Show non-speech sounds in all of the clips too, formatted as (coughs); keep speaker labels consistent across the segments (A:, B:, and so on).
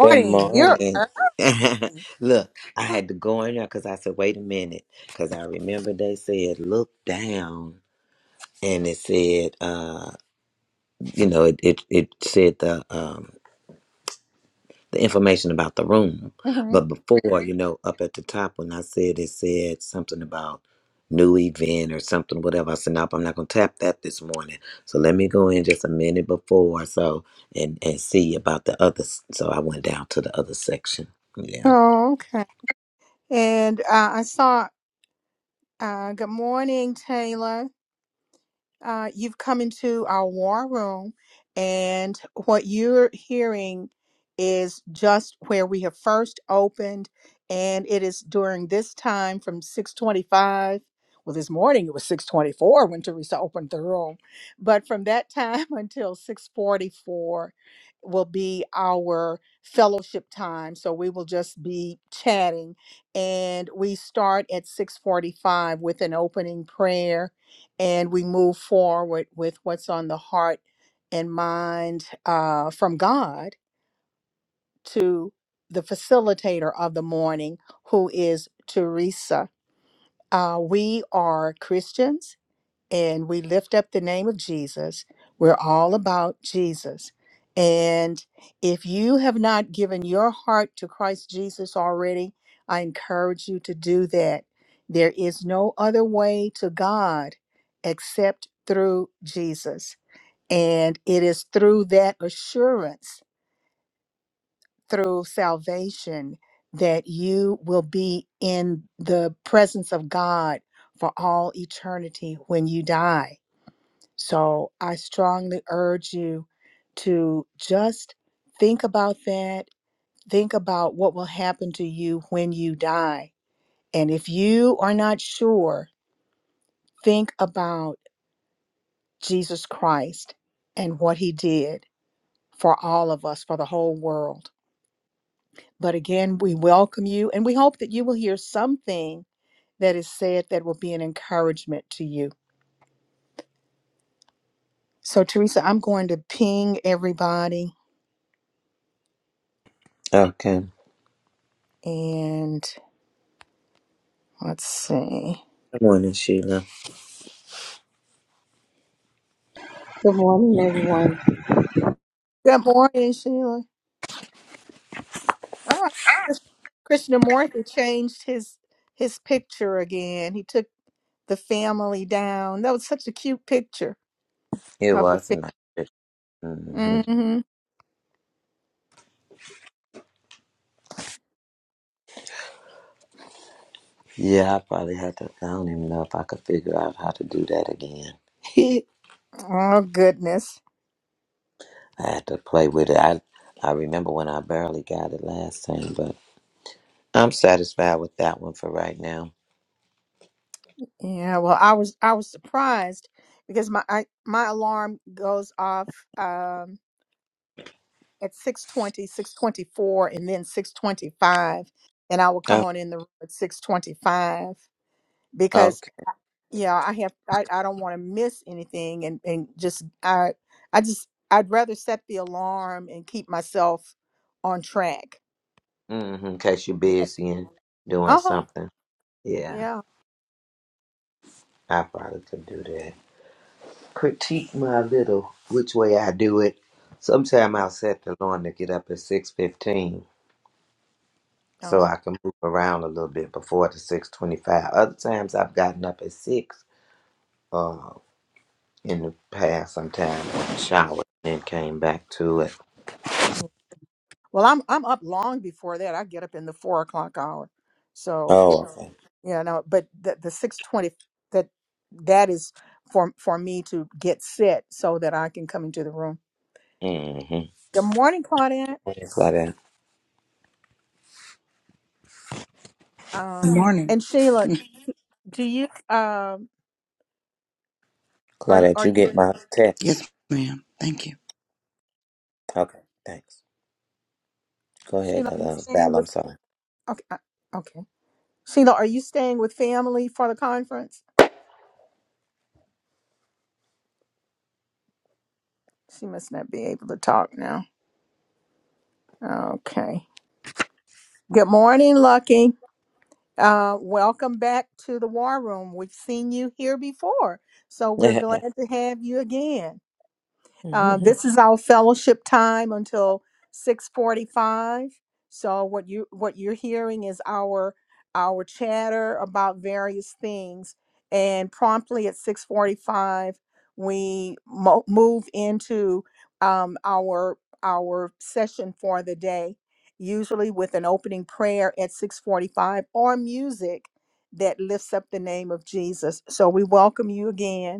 A: Good
B: you're
A: morning. (laughs)
B: early.
A: Look, I had to go in there because I said, wait a minute. Because I remember they said, look down. And it said, uh, you know, it, it, it said the, um, the information about the room. But before, you know, up at the top when I said it said something about new event or something, whatever. I said, nope, I'm not going to tap that this morning. So let me go in just a minute before so and, and see about the other. s- So I went down to the other section. Yeah.
B: Oh, okay. And uh, I saw, uh, good morning, Taylor. Uh, you've come into our war room, and what you're hearing is just where we have first opened, and it is during this time from 625. Well, this morning it was 624 when Teresa opened the room, but from that time (laughs) until 644 will be our fellowship time. So we will just be chatting, and we start at 645 with an opening prayer and we move forward with what's on the heart and mind uh, from God to the facilitator of the morning, who is Teresa. Uh, we are Christians and we lift up the name of Jesus. We're all about Jesus. And if you have not given your heart to Christ Jesus already, I encourage you to do that. There is no other way to God except through Jesus. And it is through that assurance, through salvation, that you will be in the presence of God for all eternity when you die so I strongly urge you to just think about that. Think about what will happen to you when you die. And if you are not sure, think about Jesus Christ and what he did for all of us, for the whole world. But again, we welcome you and we hope that you will hear something that is said that will be an encouragement to you. So, Teresa, I'm going to ping everybody
A: Okay.
B: and let's see.
A: Good morning, Sheila.
C: Good morning, everyone.
B: Good morning, Sheila. Oh, Morthy changed his his picture again. He took the family down. That was such a cute picture
A: It
B: of the
A: was a nice trip. hmm
B: family. hmm
A: Yeah, I probably had to. I don't even know if I could figure out how to do that again. (laughs)
B: Oh goodness.
A: I had to play with it. I I remember when I barely got it last time, but I'm satisfied with that one for right now.
B: Yeah. Well, I was I was surprised because my I, my alarm goes off um, at six twenty, six twenty four, and then six twenty five, and I will come
A: Oh,
B: on in the room at six twenty five
A: okay.
B: yeah i have i, I don't want to miss anything and and just i i just i'd rather set the alarm and keep myself on track
A: Mm-hmm. In case you're
B: Right.
A: busy and doing
B: uh-huh
A: something. Yeah,
B: yeah
A: I probably could do that. Critique my little which way I do it. Sometime
B: yeah,
A: I'll set the alarm to get up at six fifteen so
B: uh,
A: I can move around a little bit before the six twenty five. Other times I've gotten up at six uh, in the past sometime
B: yeah,
A: showered and came back to it.
B: yeah. well i'm i'm up long before that i get up in the four o'clock hour so yeah
A: Oh, okay.
B: yeah no but the, the 620 that that is for for me to get set so that i can come into the room
A: Mm-hmm.
B: good morning claudette
A: Claudette,
D: Good
B: um
D: morning.
B: and sheila
D: (laughs)
B: do you um are
A: Claudette,
B: are
A: you
B: you
A: get my text.
D: Yes, ma'am. Thank you.
A: Okay, thanks. Go ahead,
B: Sheila, are you
A: uh,
B: staying
A: Val. I'm
B: with?
A: sorry.
B: Okay, I- okay. Sheila, are you staying with family for the conference? She must not be able to talk now. Okay. Good morning, Lucky. Uh, welcome back to the War Room. We've seen you here before, so we're
A: (laughs)
B: glad to have you again. Uh, this is our fellowship time until 6:45. So what you what you're hearing is our our chatter about various things and promptly at 6:45 we mo- move into um, our our session for the day usually with an opening prayer at 6:45 or music that lifts up the name of Jesus. So we welcome you again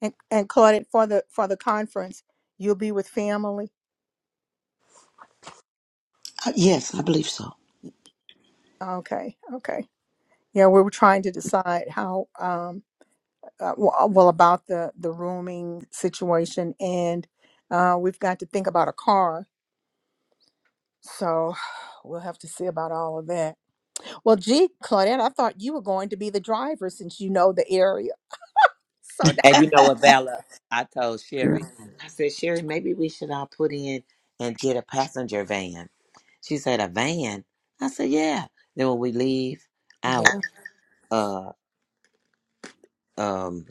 B: And and Claudette for the for the conference, you'll be with family.
D: Uh, yes, I believe so.
B: Okay, okay. Yeah, we were trying to decide how um uh, well well, about the the rooming situation, and uh, we've got to think about a car. So (sighs) we'll have to see about all of that. Well, gee, Claudette, I thought you were going to be the driver since you know the area. So now.
A: And you know what, Bella? I told
D: Yeah.
A: Sherry, I said, Sherry, maybe we should all put in and get a passenger van. She said, a van? I said, yeah. Then when we leave out, uh um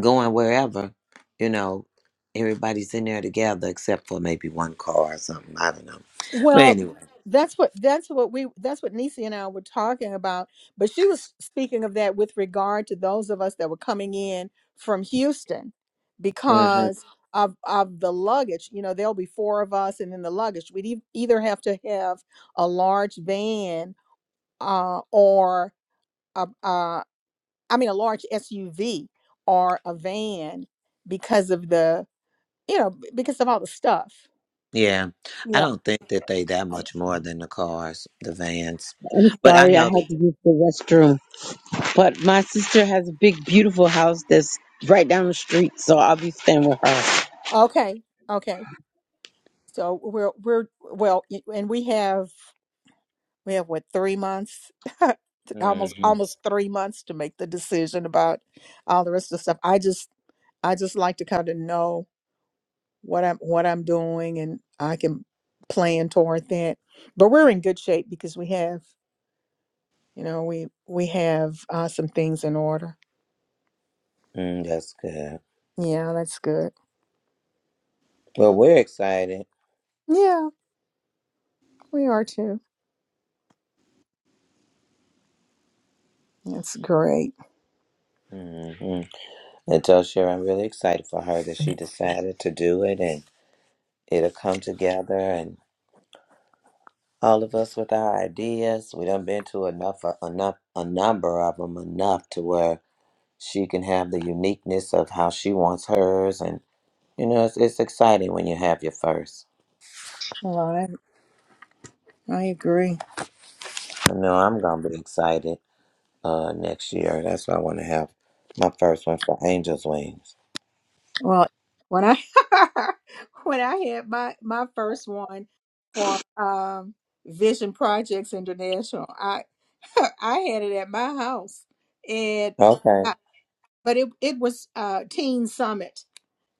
A: going wherever, you know, everybody's in there together except for maybe one car or something. I don't know. But
B: Well,
A: anyway.
B: that's what that's what we that's what Nisi and I were talking about. But she was speaking of that with regard to those of us that were coming in from Houston
A: hmm
B: because of of the luggage. You know, there'll be four of us, and then the luggage. We'd e- either have to have a large van, uh, or a, uh, I mean, a large SUV or a van because of the you know b- because of all the stuff.
A: Yeah. I
B: Yeah.
A: don't think that they that much more than the cars, the vans.
C: I'm
A: But
B: Yeah.
A: I
C: sorry I
A: know that
C: had to use the restroom, but my sister has a big, beautiful house that's right down the street, so I'll be staying with her.
B: Okay. Okay. So we're we're well, y- and we have we have what three months, (laughs) almost
A: hmm
B: almost three months to make the decision about all the rest of the stuff. I just I just like to kind of know what I'm what I'm doing, and I can plan toward that. But we're in good shape because we have you know we we have uh, some things in order.
A: mm, that's good.
B: Yeah, that's good.
A: Well, we're excited.
B: Yeah, we are too. That's great.
A: hmm And tell Sherry I'm really excited for her that she decided to do it and it'll come together. All of us with our ideas, we done been to enough, enough, a number of them enough to where she can have the uniqueness of how she wants hers, and you know it's, it's exciting when you have your first.
B: All right, I agree.
A: I know I'm gonna be excited uh next year. That's why I want to have my first one for Angel's Wings.
B: Well, when I (laughs) when I had my my first one for um Vision Projects International, I (laughs) I had it at my house, and
A: Okay.
B: I, but it it was uh Teen Summit,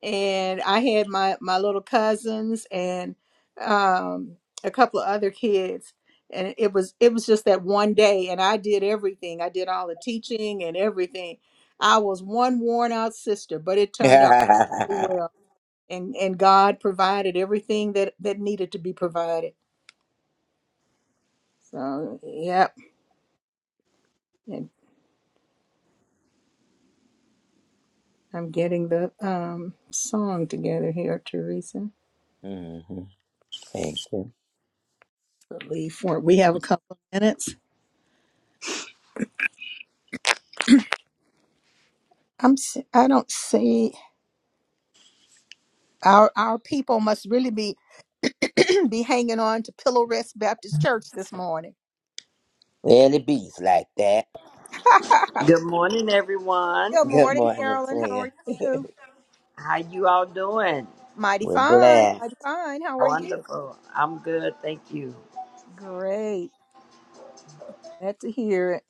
B: and I had my my little cousins and um, a couple of other kids, and it was it was just that one day, and I did everything. I did all the teaching and everything. I was one worn out sister, but it turned out
A: (laughs)
B: really well, and and God provided everything that that needed to be provided. So yep, and I'm getting the um, song together here, Teresa.
A: hmm Thank you.
B: Leave for we have a couple of minutes. I'm s- I don't see. Our our people must really be (clears throat) be hanging on to Pillow Rest Baptist Church this morning.
A: Well, it beats like that.
B: (laughs)
E: Good morning, everyone.
B: Good
A: Good
B: morning,
A: morning,
B: Carolyn. How
A: twin.
B: are you?
E: How you all doing?
A: (laughs)
B: Mighty
A: We're
B: fine.
A: blessed.
B: Mighty fine. How are you?
E: Wonderful. I'm good, thank you.
B: Great. Glad to hear it.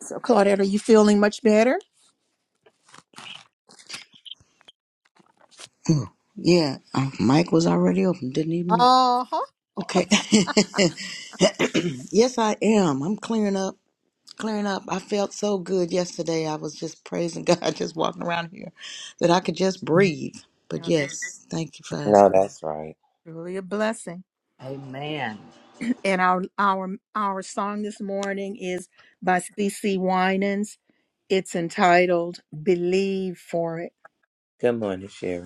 B: So, Claudette, are you feeling much better?
D: Mm. (laughs) Yeah. Uh, mic was already open. Didn't even know.
B: Uh huh.
D: Okay. (laughs) yes, I am. I'm clearing up. clearing up. I felt so good yesterday. I was just praising God, (laughs) just walking around here, that I could just breathe. But
B: Now that's
D: yes, thank you for
A: No,
D: asking.
A: that's right.
B: truly a blessing.
E: Amen.
B: And our our our song this morning is by C.C. Winans. It's entitled "Believe for It."
A: Good morning, Sherry.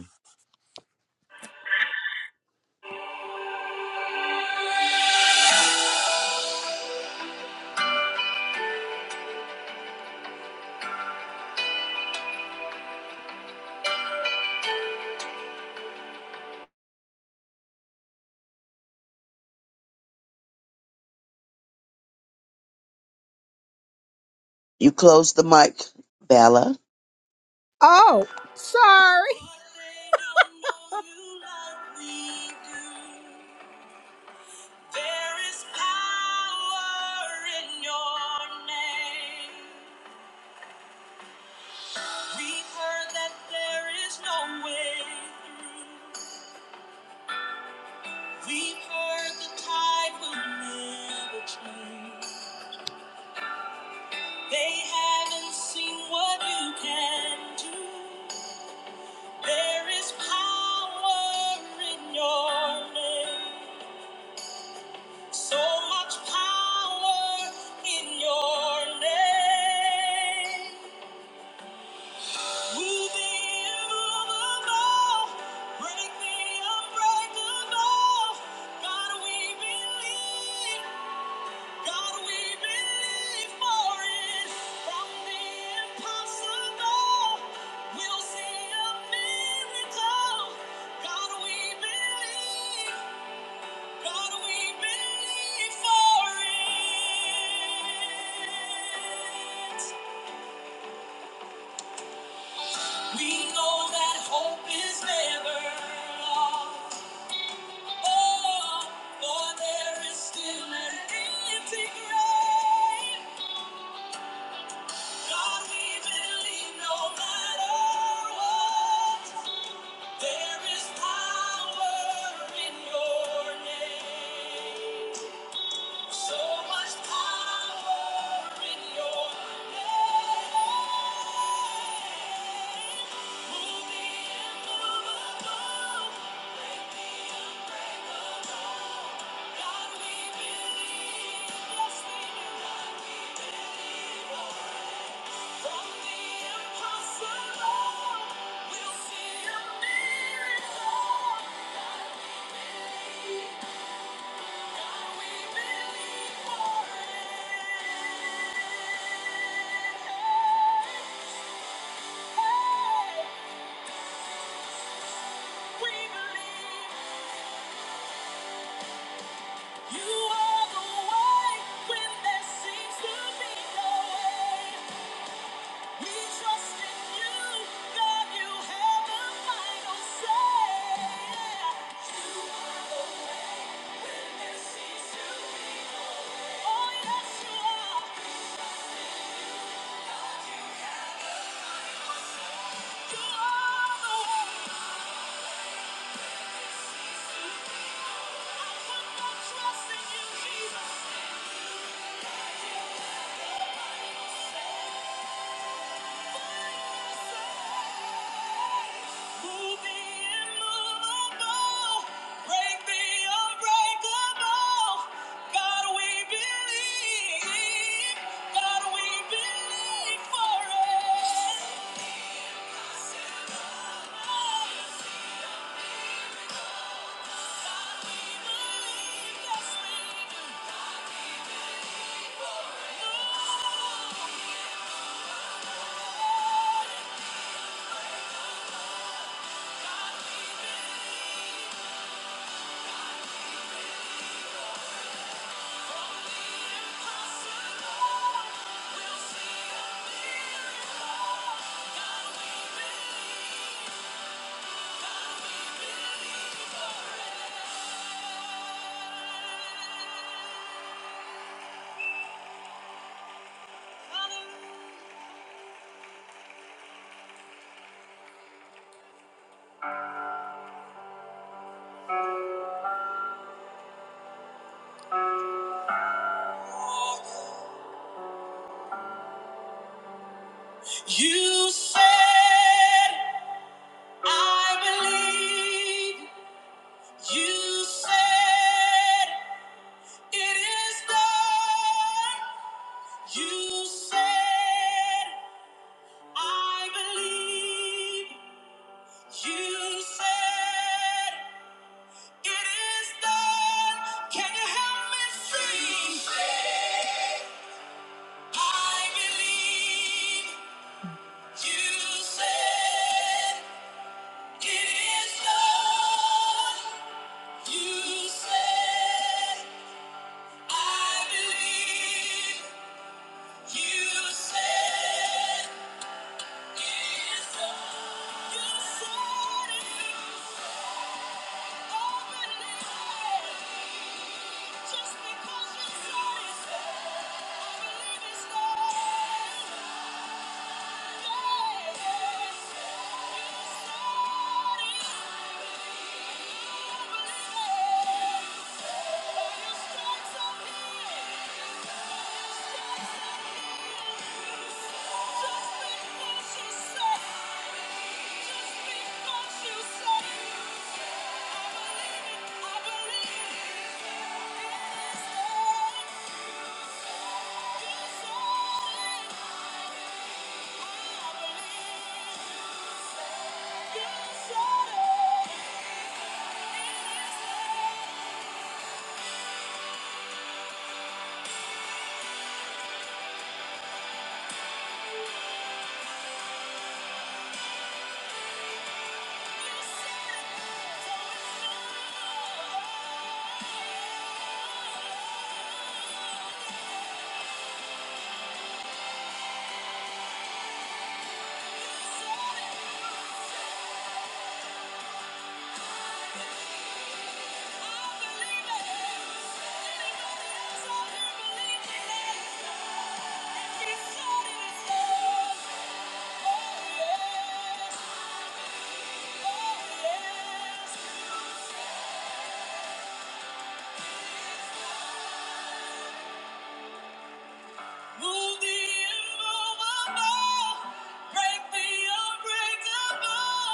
F: You close the mic, Vala.
B: Oh, sorry. (laughs) There is power in your name. We've heard that there is no way through. We've heard the tide will never change. They haven't seen what you can do. There is power in your name. So much power in your name. Move the immovable, break the unbreakable. God, we believe. God, we believe for it. From the impossible, we'll see a miracle. God, we believe. What we believe for it. We know that hope is never lost. Oh, for there is still an empty grave. God, we believe no matter what. There is power in your name. So much power in your name. Hey, We believe. You are the way when there seems to be no way. We trust in you, God. You have the final say. You are the way when there seems to be no way. Oh yes, you you are the no way. I put my trust in you, Jesus. God, you have the final say. You said, I believe. You said it is done. You said I believe. You said it is done. Can you help me see? You said, I believe. You said it is done. You said I believe. Just because You said it's I believe it. Just because Yeah. Thank you. said. it. Thank you. Move the immovable, break the unbreakable.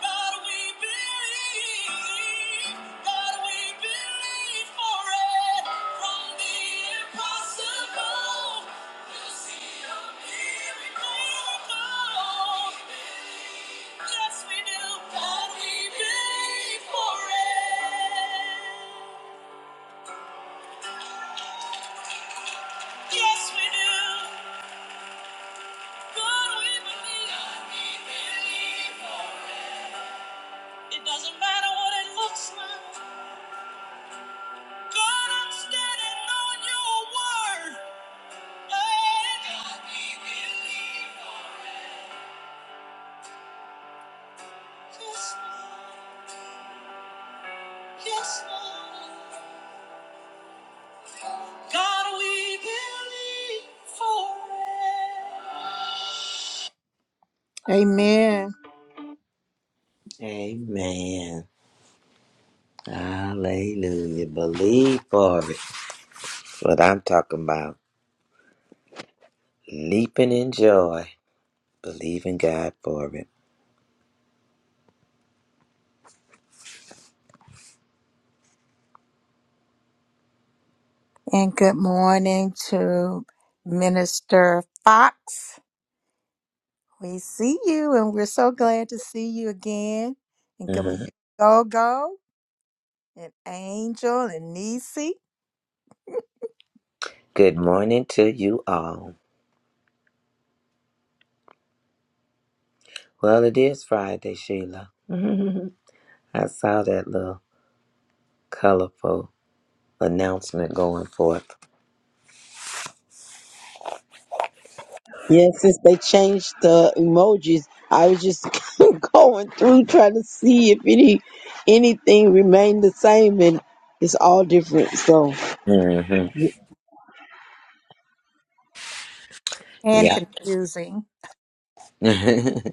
B: God, we believe. God, we believe for it. From the impossible, we'll see a miracle. Yes, we do. God, we believe for it. Yes, we do. God, we believe. It doesn't matter what it looks like. God, I'm standing on your word. Hey, God, we believe. Yes, Lord. Yes, Lord. God, we believe for it. Amen.
A: Amen. Hallelujah. Believe for it. What I'm talking about. Leaping in joy. Believing God for it.
B: And good morning to Minister Fox. We see you, and we're so glad to see you again. And good morning,
A: Mhm.
B: Go Go, and Angel, and Nisi. (laughs)
A: Good morning to you all. Well, it is Friday, Sheila. (laughs) I saw that little colorful announcement going forth.
C: Yeah, since they changed the emojis, I was just (laughs) going through trying to see if any anything remained the same, and it's all different. So,
A: hmm
B: And
A: Yeah.
B: confusing.
A: (laughs) I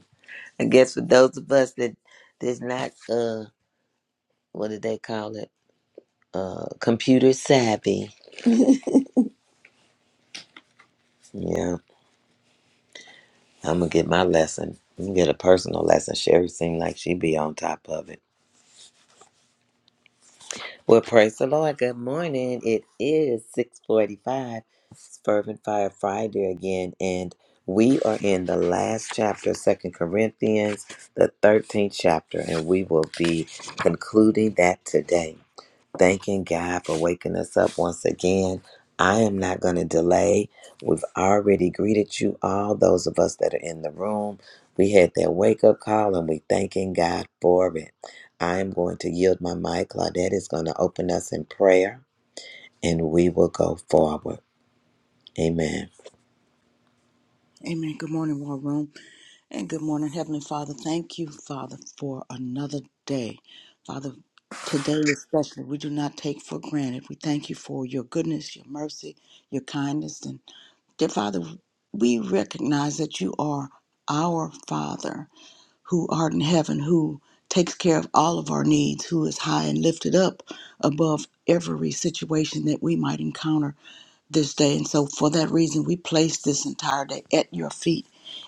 A: guess for those of us that that is not uh what do they call it? Uh computer savvy. Yeah. I'm gonna get my lesson. I'm gonna get a personal lesson. Sherry seemed like she be on top of it. Well, praise the Lord. Good morning. It is 645. It's Fervent Fire Friday again, and we are in the last chapter, Second Corinthians, the 13th chapter, and we will be concluding that today. Thanking God for waking us up once again. I am not going to delay. We've already greeted you all, those of us that are in the room. We had that wake up call and we thanking God for it. I am going to yield my mic. Claudette is going to open us in prayer and we will go forward. Amen.
D: Amen. Good morning, War Room. And good morning, Heavenly Father. Thank you, Father, for another day. Father, today especially, we do not take for granted. We thank you for your goodness, your mercy, your kindness. And dear Father, we recognize that you are our Father who art in heaven, who takes care of all of our needs, who is high and lifted up above every situation that we might encounter this day. And so, for that reason, we place this entire day at your feet,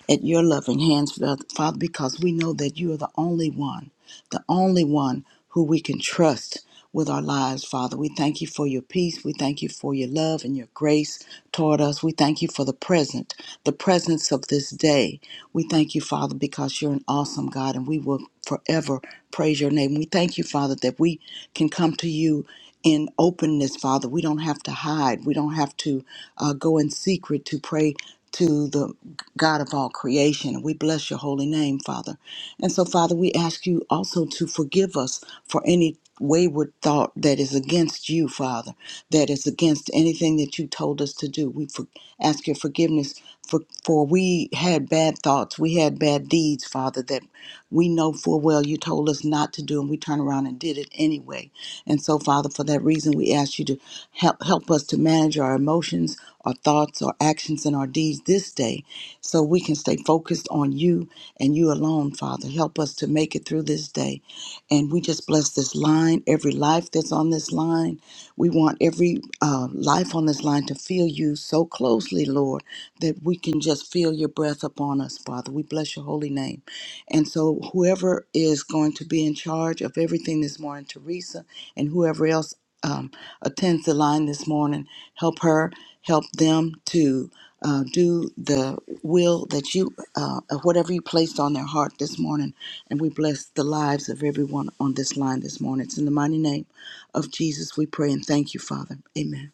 D: at your loving hands, Father, because we know that you are the only one the only one who we can trust with our lives, Father. We thank you for your peace. We thank you for your love and your grace toward us. We thank you for the present, the presence of this day. We thank you, Father, because you're an awesome God and we will forever praise your name. We thank you, Father, that we can come to you in openness, Father. We don't have to hide. We don't have to uh, go in secret to pray to the God of all creation. We bless your holy name, Father. And so, Father, we ask you also to forgive us for any wayward thought that is against you, Father, that is against anything that you told us to do. We for- ask your forgiveness for, for we had bad thoughts, we had bad deeds, Father, that we know full well you told us not to do, and we turn around and did it anyway. And so, Father, for that reason, we ask you to help help us to manage our emotions, our thoughts, our actions, and our deeds this day, so we can stay focused on you and you alone, Father. Help us to make it through this day. And we just bless this line, every life that's on this line. We want every uh, life on this line to feel you so closely, Lord, that we can just feel your breath upon us, Father. We bless your holy name. And so, whoever is going to be in charge of everything this morning, Teresa, and whoever else um, attends the line this morning, help her. Help them to uh, do the will that you, uh, of whatever you placed on their heart this morning. And we bless the lives of everyone on this line this morning. It's in the mighty name of Jesus we pray and thank you, Father. Amen.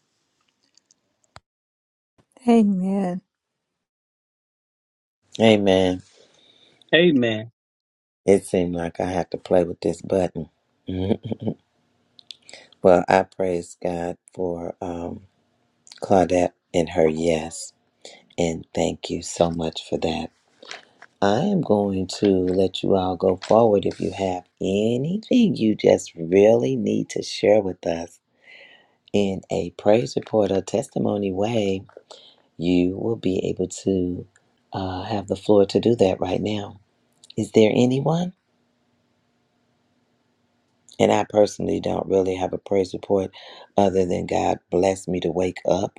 B: Amen.
A: Amen.
G: Amen.
A: It seemed like I had to play with this button. (laughs) well, I praise God for um, Claudette and her yes. And thank you so much for that. I am going to let you all go forward if you have anything you just really need to share with us in a praise report or testimony way. You will be able to uh, have the floor to do that right now. Is there anyone? And I personally don't really have a praise report other than God blessed me to wake up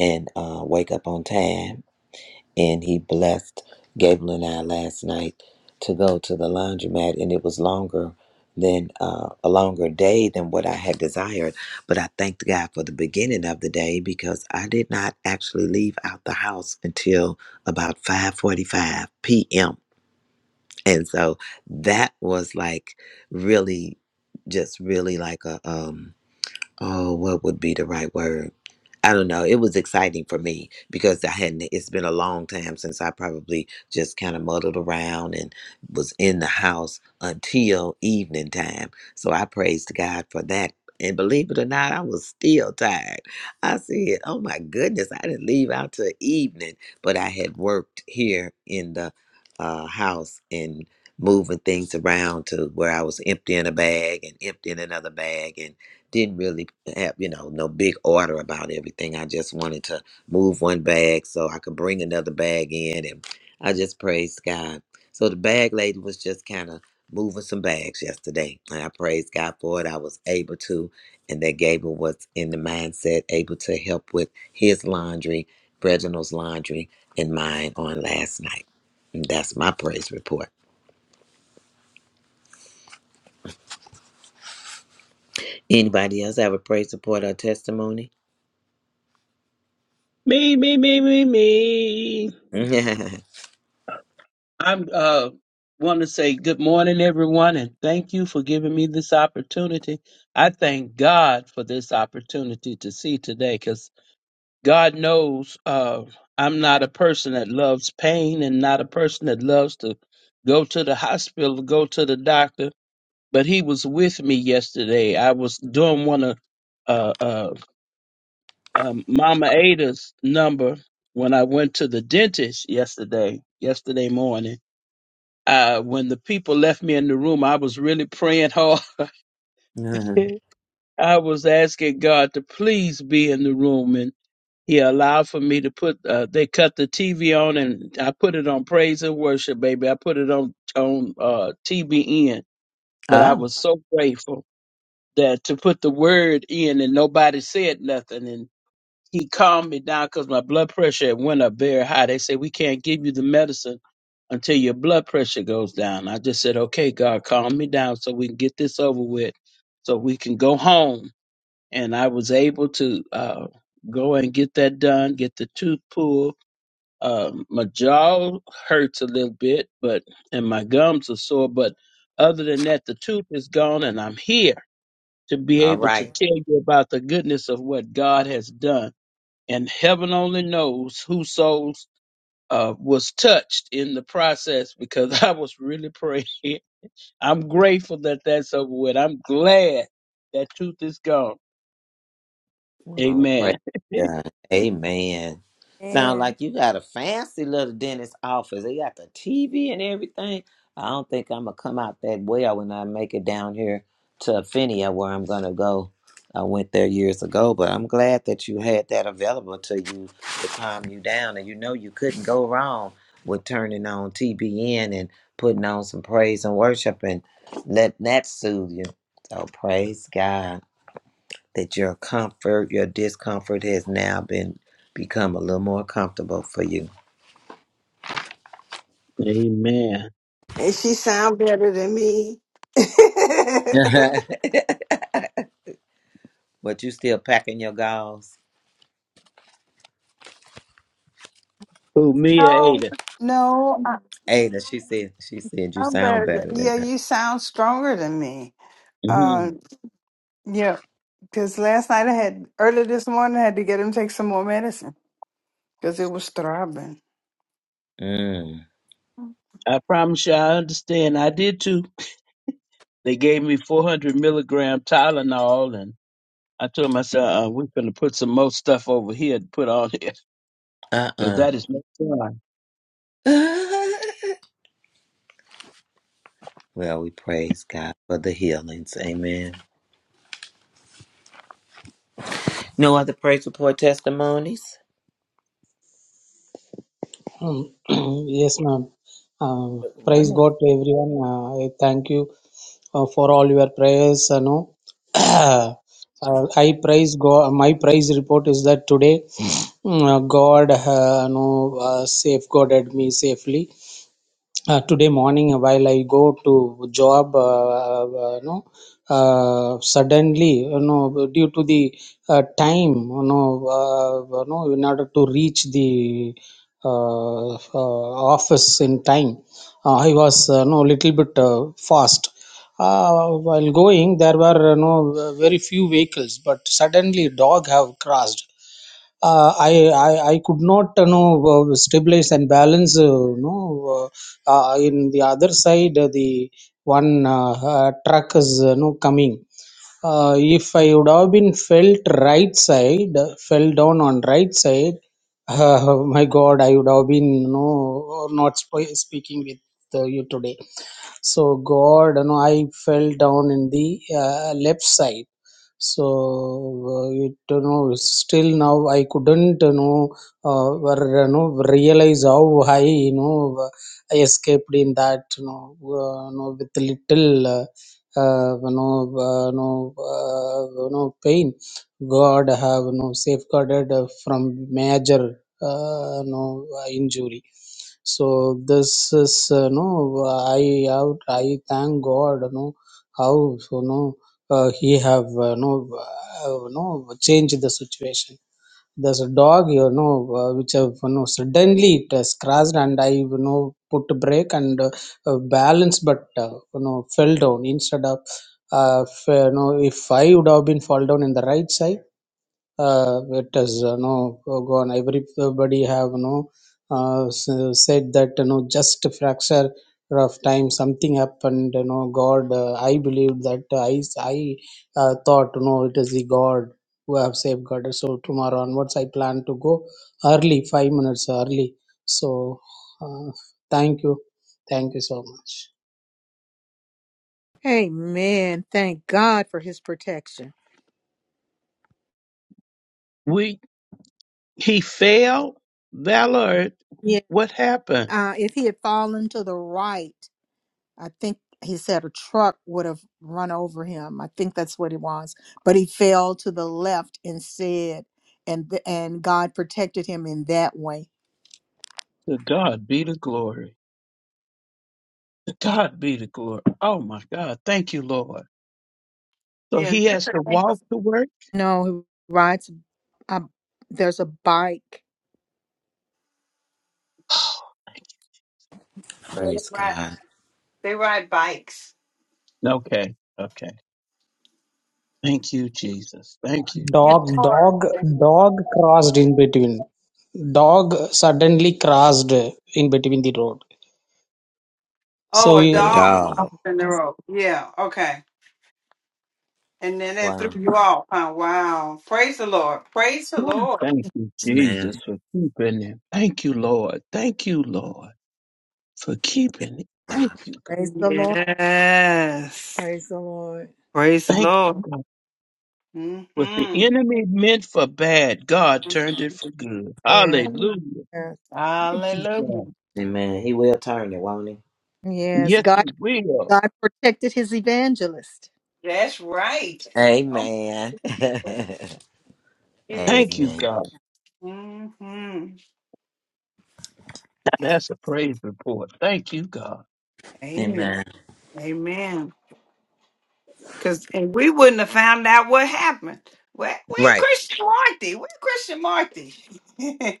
A: and uh, wake up on time and he blessed Gable and I last night to go to the laundromat, and it was longer than uh, a longer day than what I had desired. But I thanked God for the beginning of the day because I did not actually leave out the house until about 5:45 p.m. And so that was like really, just really like a um oh, what would be the right word? I don't know. It was exciting for me because I hadn't, it's been a long time since I probably just kind of muddled around and was in the house until evening time. So I praised God for that. And believe it or not, I was still tired. I said, oh my goodness, I didn't leave out till evening, but I had worked here in the uh, house and moving things around to where I was emptying a bag and emptying another bag and." didn't really have you know no big order about everything i just wanted to move one bag so i could bring another bag in and i just praised god so the bag lady was just kind of moving some bags yesterday and i praised god for it i was able to and that gable was in the mindset able to help with his laundry reginald's laundry and mine on last night and that's my praise report anybody else have a praise report or testimony
G: Me, me, me, me, me. I'm uh want to say good morning, everyone, and thank you for giving me this opportunity. I thank God for this opportunity to see today, because God knows uh I'm not a person that loves pain and not a person that loves to go to the hospital, go to the doctor. But He was with me yesterday. I was doing one of uh, uh um, Mama Ada's number when I went to the dentist yesterday, yesterday morning. Uh, when the people left me in the room, I was really praying hard. (laughs)
A: (laughs) (laughs)
G: I was asking God to please be in the room, and He allowed for me to put. Uh, they cut the TV on, and I put it on praise and worship, baby. I put it on on uh, TBN, but I
A: Oh.
G: was so grateful that to put the word in, and nobody said nothing, he calmed me down because my blood pressure had went up very high. They said we can't give you the medicine until your blood pressure goes down. I just said, okay, God, calm me down so we can get this over with, so we can go home. And I was able to uh, go and get that done, get the tooth pulled. Um, my jaw hurts a little bit, but and my gums are sore. But other than that, the tooth is gone, and I'm here to be
A: All
G: able to
A: right.
G: tell you about the goodness of what God has done and heaven only knows whose souls uh, was touched in the process because (laughs) I was really praying. I'm grateful that that's over with. I'm glad that tooth is gone.
A: Oh, praise
G: Amen.
A: God. Amen. Sound
B: Amen.
A: like you got a fancy little dentist office. They got the TV and everything. I don't think I'm gonna come out that well when I make it down here to Phinia where I'm gonna go. I went there years ago, but I'm glad that you had that available to you to calm you down. And you know you couldn't go wrong with turning on TBN and putting on some praise and worship and let that soothe you. So praise God. that your comfort, your discomfort has now been become a little more comfortable for you.
G: Amen.
H: And she sound better than me. (laughs)
A: (laughs) but you still packing your gauze.
G: Who Mia
H: no,
G: Ada?
H: no, I,
A: Ada, she said she said you
H: I'm
A: sound
H: better. Than,
A: better than
H: yeah,
A: her.
H: you sound stronger than me. Uh,
G: hmm
H: yeah, because last night I had early this morning I had to get him take some more medicine because it was throbbing.
A: Mm.
G: I promise you, I understand. I did too. They gave me 400 milligram Tylenol, and I told myself, uh, "We're gonna put some more stuff over here to put on here because
A: Uh-uh.
G: that is no fun."
A: (laughs) well, we praise God for the healings. Amen. No other praise report testimonies?
I: Um, (clears throat) Yes, ma'am. Um,
A: Good
I: praise
A: morning.
I: God to everyone. Uh, I thank you uh, for all your prayers. You know, (coughs) (clears throat) uh, I praise God. My praise report is that today (sniffs) uh, God, uh, you know, uh, safeguarded me safely uh, today morning while i go to job uh, uh, you know uh, suddenly you know due to the uh, time you know uh, you know in order to reach the uh, uh, office in time uh, he was uh, no little bit uh, fast. Uh, while going, there were uh, no very few vehicles, but suddenly dog have crossed. Uh, I, I I could not you know uh, stabilize and balance uh, you uh, uh, in the other side uh, the one uh, uh, truck is you know coming uh, if I would have been felt right side, fell down on right side, uh, (laughs) my God, I would have been no not sp- speaking with uh, you today. So God, you know, I fell down in the uh, left side. So uh, it you know still now I couldn't you know uh, were, you know realize how high you know I escaped in that you know, uh, you know with little. Uh, have no uh, no uh, no pain. God have no safeguarded uh, from major uh, no uh, injury. So this is uh, no I out I thank God no how so no uh, he have uh, no uh, no changed the situation there's a dog you know uh, which have you know suddenly it has crashed and i you know put brake and uh, balance but uh, you know fell down instead of uh, f- you know if i would have been fall down in the right side uh, it has uh, no gone everybody have no uh, s- said that you know just a fracture of time something happened you know god uh, i believe that uh, i i uh, thought you know it is the god who have safeguarded so tomorrow onwards i plan to go early 5 minutes early so uh, thank you thank you so much
B: Amen. Thank God for his protection.
G: He failed? Valor,
B: Yeah.
G: what happened?
B: Uh, if he had fallen to the right, I think he said a truck would have run over him. I think that's what it was. But he fell to the left instead, and th- and God protected him in that way.
G: To God be the glory. To God be the glory. Oh my God. Thank you, Lord. So
H: Yeah,
G: he
H: that's
G: has
H: the
G: to
H: thing.
G: walk to work? (sighs)
B: No, he rides. A, there's a bike.
H: Yeah, they
A: Praise
H: ride
A: God.
H: they ride bikes.
G: Okay. Okay. Thank you, Jesus. Thank you, Jesus.
H: It's
I: Dog,
H: hard.
I: dog, dog crossed in between. Dog suddenly crossed in between the road.
H: Oh,
I: So
H: a
A: A
H: dog
I: you,
H: off
A: dog.
H: in the road. Yeah, okay. And then that threw
A: Wow.
H: you off, huh? Wow. Praise the Lord. Praise the
G: Ooh,
H: Lord.
G: Thank you, Jesus,
A: Amen.
G: for keeping him. Thank you, Lord. Thank you, Lord, for keeping him. Thank you, God.
B: Praise the Lord.
H: Yes.
B: Praise the Lord.
H: Praise the
G: Thank
H: Lord.
G: you, God.
H: hmm
G: What the enemy meant for bad, God turned it for good.
B: Yes.
G: Hallelujah. Thank you,
H: Hallelujah.
G: God.
A: Amen. He will turn it, won't he?
B: Yes.
G: Yes, he
B: God
G: will.
B: God protected his evangelist.
H: That's right. Oh,
A: Amen. (laughs)
H: it was.
G: Thank you,
A: Amen.
G: God.
H: hmm
G: That's a praise report. Thank you, God.
H: Amen.
A: Amen.
H: Amen. Cause and we wouldn't have found out what happened. Where where
A: Right.
H: Christian Marty? Where Christian Marty? (laughs)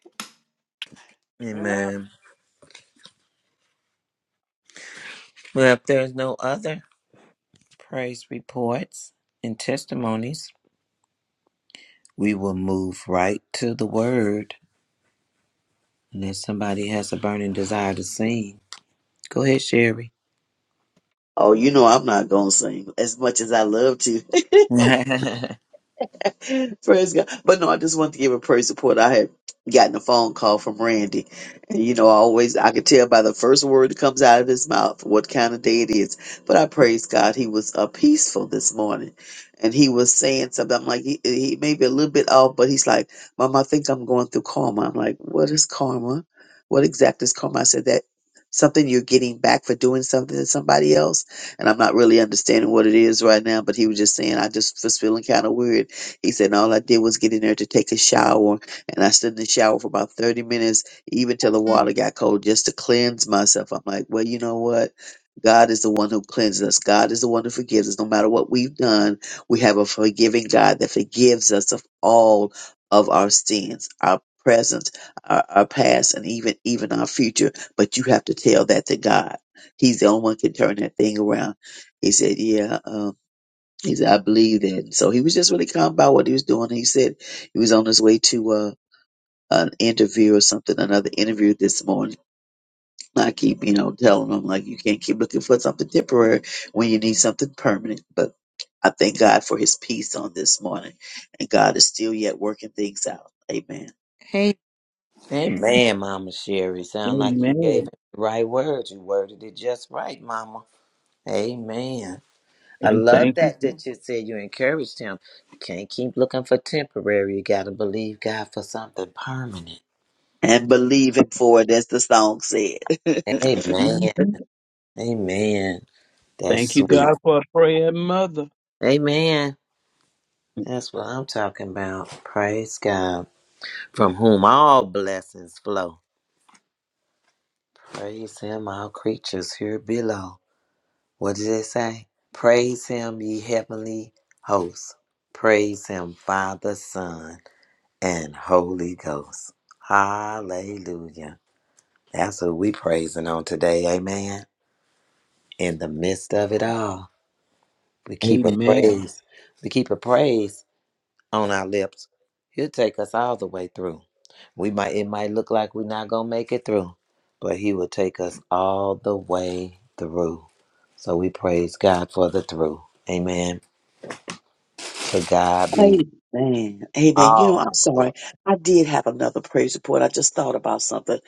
H: Yeah.
A: Amen. Well, if there's no other praise reports and testimonies, we will move right to the word. Unless somebody has a burning desire to sing. Go ahead, Sherry.
F: Oh, you know I'm not gonna sing as much as I love to.
A: (laughs)
F: (laughs) praise God. But no, I just want to give a praise report. I had gotten a phone call from Randy. And you know, I always I could tell by the first word that comes out of his mouth what kind of day it is. But I praise God he was uh, peaceful this morning. And he was saying something. I'm like, he, he may be a little bit off, but he's like, Mom, I think I'm going through karma. I'm like, what is karma? What exactly is karma? I said that something you're getting back for doing something to somebody else. And I'm not really understanding what it is right now, but he was just saying, I just was feeling kind of weird he said, All I did was get in there to take a shower, and I stood in the shower for about 30 minutes, even till the water got cold, just to cleanse myself. I'm like, Well, you know what? God is the one who cleanses us. God is the one who forgives us. No matter what we've done, we have a forgiving God that forgives us of all of our sins, our present, our, our past, and even even our future. But you have to tell that to God. He's the only one can turn that thing around. He said, "Yeah." um, he said, I believe that. So he was just really calm about what he was doing. He said he was on his way to uh, an interview or something, another interview this morning. I keep, you know, telling him, like, you can't keep looking for something temporary when you need something permanent. But I thank God for his peace on this morning. And God is still yet working things out. Amen.
B: Hey.
A: Amen, Mama Sherry. Sound like you gave
G: Amen.
A: it the right words. You worded it just right, Mama. Amen. I
G: And
A: love
G: thank you.
A: that
G: For,
A: that you said you encouraged him. You can't keep looking for temporary. You got to believe God for something permanent.
F: And believe him for it, as the song said. (laughs)
A: Amen.
G: Mhm.
A: Amen. That's
G: Thank you,
A: sweet.
G: God, for a prayer mother.
A: Amen. That's what I'm talking about. Praise God, from whom all blessings flow. Praise Him, all creatures here below. What did it say? Praise Him, ye heavenly hosts. Praise Him, Father, Son, and Holy Ghost. Hallelujah. That's what we praising on today. Amen. In the midst of it all, we keep a
G: Amen.
A: praise. We keep a praise on our lips. He'll take us all the way through. We might it might look like we're not gonna make it through, but he will take us all the way through. So we praise God for the through. Amen. To God be
F: Amen. Amen. You know,
A: all
F: I'm
A: the
F: sorry.
A: glory.
F: I did have another praise report. I just thought about something.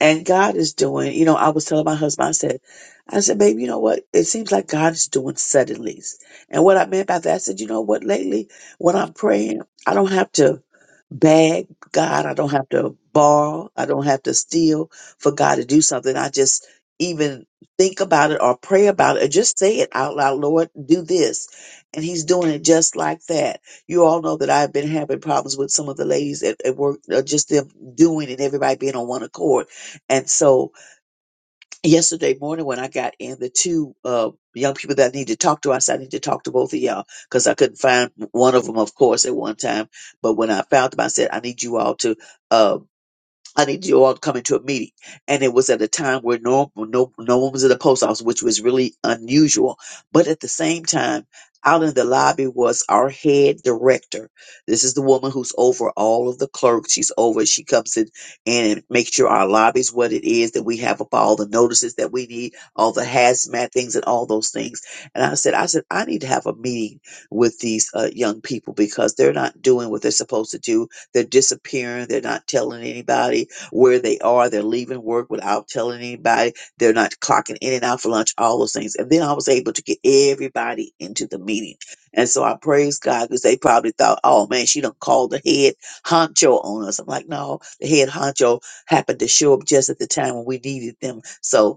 F: And God is doing, you know, I was telling my husband, I said, I said, babe, you know what? It seems like God is doing suddenlies. And what I meant by that, I said, you know what? Lately, when I'm praying, I don't have to beg God. I don't have to borrow. I don't have to steal for God to do something. I just even think about it or pray about it or just say it out loud, Lord, do this. And he's doing it just like that you all know that I've been having problems with some of the ladies at, at work, uh, just them doing and everybody being on one accord. And so yesterday morning when I got in, the two uh, young people that I need to talk to, I said, I need to talk to both of y'all because I couldn't find one of them, of course, at one time. But when I found them, I said, I need you all to. uh, I need you all to come into a meeting. And it was at a time where no, no, no one was in the post office, which was really unusual. But at the same time, out in the lobby was our head director. This is the woman who's over all of the clerks. She's over, she comes in and makes sure our lobby's what it is that we have up all the notices that we need, all the hazmat things and all those things. And I said, I said, I need to have a meeting with these uh, young people because they're not doing what they're supposed to do. They're disappearing. They're not telling anybody where they are. They're leaving work without telling anybody. They're not clocking in and out for lunch, all those things. And then I was able to get everybody into the meeting. And so I praise God because they probably thought, oh man, she done called the head honcho on us. I'm like, no, the head honcho happened to show up just at the time when we needed them. So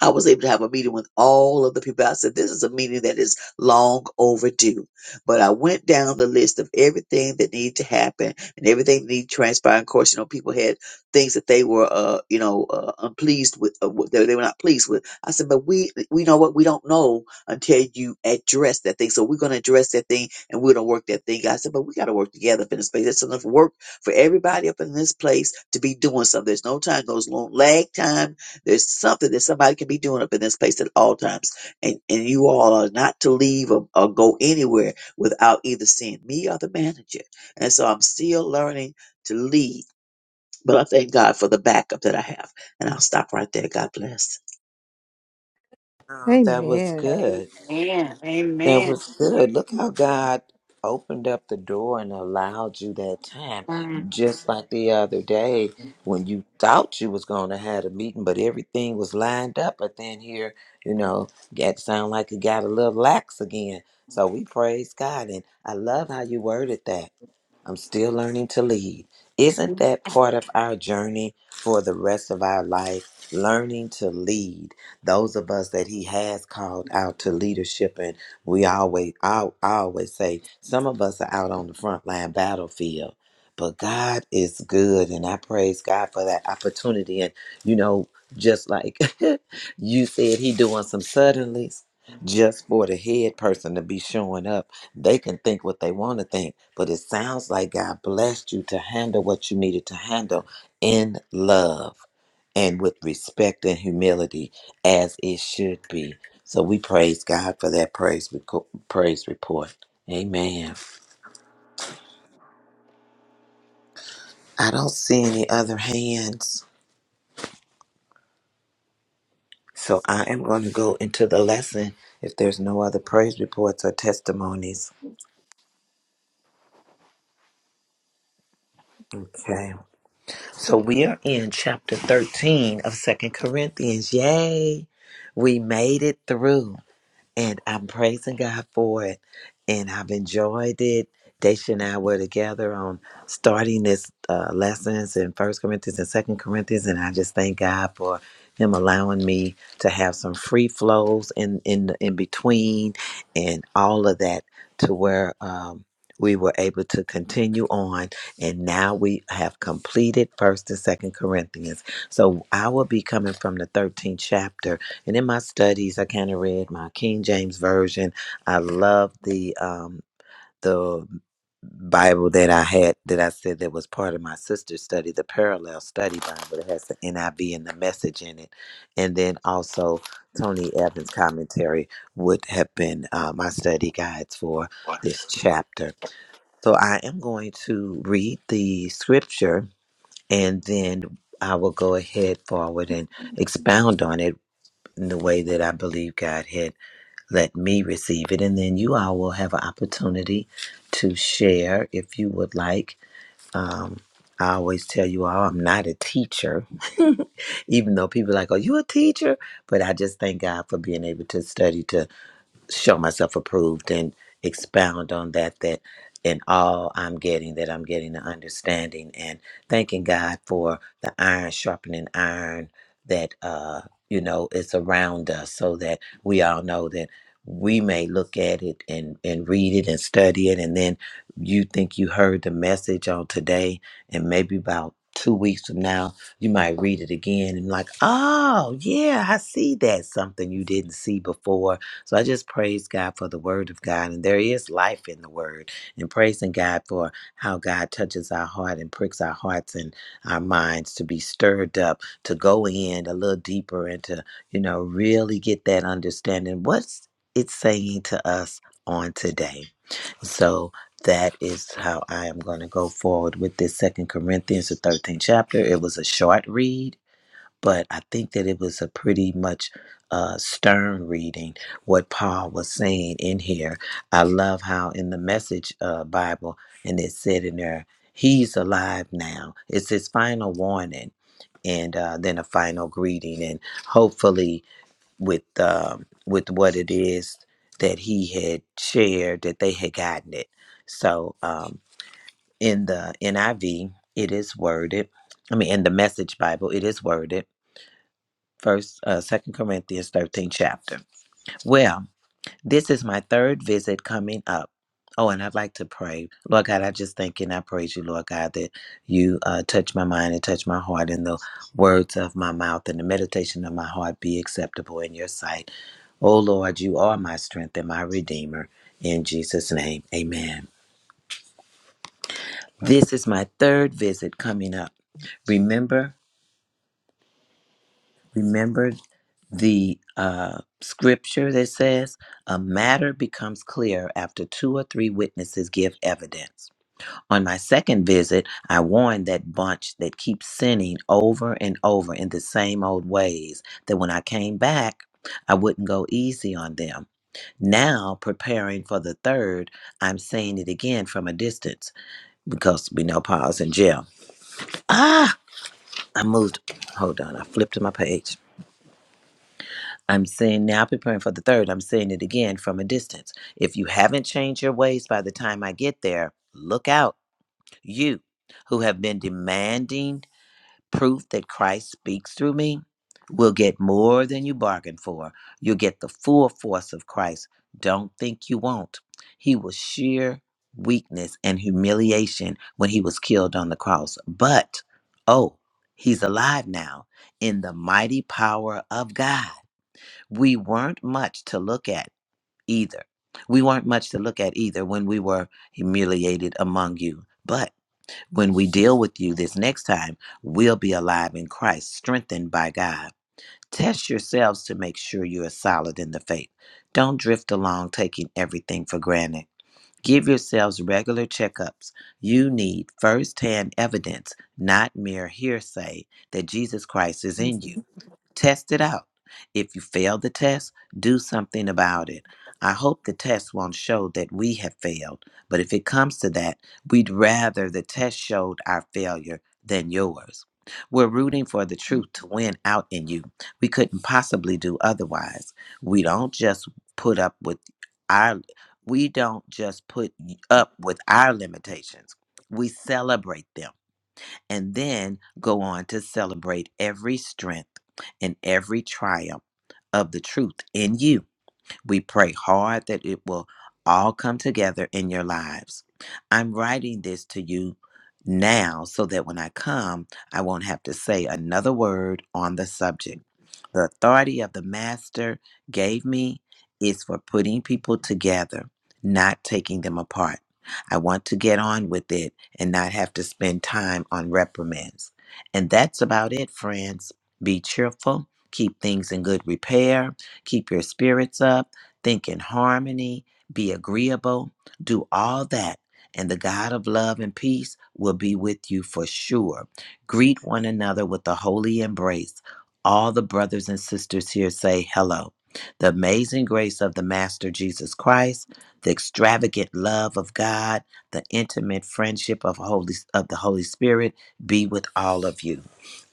F: I was able to have a meeting with all of the people. I said, this is a meeting that is long overdue. But I went down the list of everything that needed to happen and everything that needed to transpire. Of course, you know, people had things that they were, uh, you know, uh, unpleased with, uh, what they, they were not pleased with. I said, but we, we know what we don't know until you address that thing. So we're going to address that thing and we're going to work that thing. I said, but we got to work together up in this space. There's enough work for everybody up in this place to be doing something. There's no time goes long, lag time there's something that somebody can be doing up in this place at all times. And, and you all are not to leave or, or go anywhere without either seeing me or the manager. And so I'm still learning to lead. But I thank God for the backup that I have. And I'll stop right there. God bless.
A: Oh, that was
B: Amen.
A: good.
H: Amen.
A: That
H: Amen.
A: was good. Look how God opened up the door and allowed you that time.
H: Mm.
A: Just like the other day when you thought you was going to have a meeting, but everything was lined up. But then here, you know, got to sound like it got a little lax again. So we praise God, and I love how you worded that. I'm still learning to lead. Isn't that part of our journey for the rest of our life? Learning to lead those of us that He has called out to leadership. And we always, I, I always say, some of us are out on the front line battlefield. But God is good, and I praise God for that opportunity. And you know, just like (laughs) you said, He doing some suddenlies just for the head person to be showing up they can think what they want to think, but it sounds like God blessed you to handle what you needed to handle in love and with respect and humility as it should be. So we praise God for that praise reco- praise report. Amen. I don't see any other hands. So I am going to go into the lesson if there's no other praise reports or testimonies. Okay. So we are in chapter 13 of Second Corinthians. Yay! We made it through and I'm praising God for it. And I've enjoyed it. Daisha and I were together on starting this uh, lessons in First Corinthians and Second Corinthians, and I just thank God for Him allowing me to have some free flows in in in between, and all of that to where um, we were able to continue on, and now we have completed First and Second Corinthians. So I will be coming from the 13th chapter and in my studies, I kind of read my King James version. I love the um, the Bible that I had that I said that was part of my sister's study, the Parallel Study Bible that has the NIV and the Message in it, and then also Tony Evans' commentary would have been uh, my study guides for this chapter. So I am going to read the scripture, and then I will go ahead forward and expound on it in the way that I believe God had let me receive it. And then you all will have an opportunity to share if you would like. Um, I always tell you all I'm not a teacher, (laughs) even though people are like, Are you a teacher? But I just thank God for being able to study to show myself approved and expound on that that in all I'm getting that I'm getting the understanding and thanking God for the iron sharpening iron that uh you know is around us so that we all know that we may look at it and and read it and study it and then you think you heard the message on today and maybe about 2 weeks from now you might read it again and like oh yeah I see that something you didn't see before so I just praise God for the word of God. And there is life in the word. And praising God for how God touches our heart and pricks our hearts and our minds to be stirred up, to go in a little deeper and to, you know, really get that understanding. What's it saying to us on today? So that is how I am going to go forward with this Second Corinthians, the 13th chapter. It was a short read but I think that it was a pretty much uh, stern reading what Paul was saying in here. I love how in the Message uh, Bible, and it said in there, "He's alive now." It's his final warning, and uh, then a final greeting, and hopefully with um, with what it is that he had shared, that they had gotten it. So um, in the NIV, it is worded. I mean, in the Message Bible, it is worded. First, uh, Second Corinthians Thirteenth chapter. Well, this is my third visit coming up. Oh, and I'd like to pray. Lord God, I just thank you and I praise you, Lord God, that you uh, touch my mind and touch my heart, and the words of my mouth and the meditation of my heart be acceptable in your sight. Oh, Lord, you are my strength and my redeemer. In Jesus' name, amen. This is my third visit coming up. Remember Remember the uh, scripture that says, A matter becomes clear after two or three witnesses give evidence. On my second visit, I warned that bunch that keeps sinning over and over in the same old ways that when I came back, I wouldn't go easy on them. Now, preparing for the third, I'm seeing it again from a distance because we know Paul's in jail. Ah, I moved. Hold on, I flipped to my page. I'm saying now, preparing for the third. I'm saying it again from a distance. If you haven't changed your ways by the time I get there, look out. You who have been demanding proof that Christ speaks through me will get more than you bargained for. You'll get the full force of Christ. Don't think you won't. He was sheer weakness and humiliation when he was killed on the cross. But, oh, he's alive now in the mighty power of God we weren't much to look at either. We weren't much to look at either when we were humiliated among you. But when we deal with you this next time, we'll be alive in Christ, strengthened by God. Test yourselves to make sure you are solid in the faith. Don't drift along taking everything for granted. Give yourselves regular checkups. You need firsthand evidence, not mere hearsay, that Jesus Christ is in you. Test it out. If you fail the test, do something about it. I hope the test won't show that we have failed, but if it comes to that, we'd rather the test showed our failure than yours. We're rooting for the truth to win out in you. We couldn't possibly do otherwise. We don't just put up with our we don't just put up with our limitations. We celebrate them and then go on to celebrate every strength and every triumph of the truth in you. We pray hard that it will all come together in your lives. I'm writing this to you now so that when I come, I won't have to say another word on the subject. The authority of the Master gave me is for putting people together, not taking them apart. I want to get on with it and not have to spend time on reprimands. And that's about it, friends. Be cheerful, keep things in good repair, keep your spirits up, think in harmony, be agreeable, do all that. And the God of love and peace will be with you for sure. Greet one another with a holy embrace all the brothers and sisters here say hello. The amazing grace of the Master Jesus Christ, the extravagant love of God, the intimate friendship of Holy of the Holy Spirit be with all of you.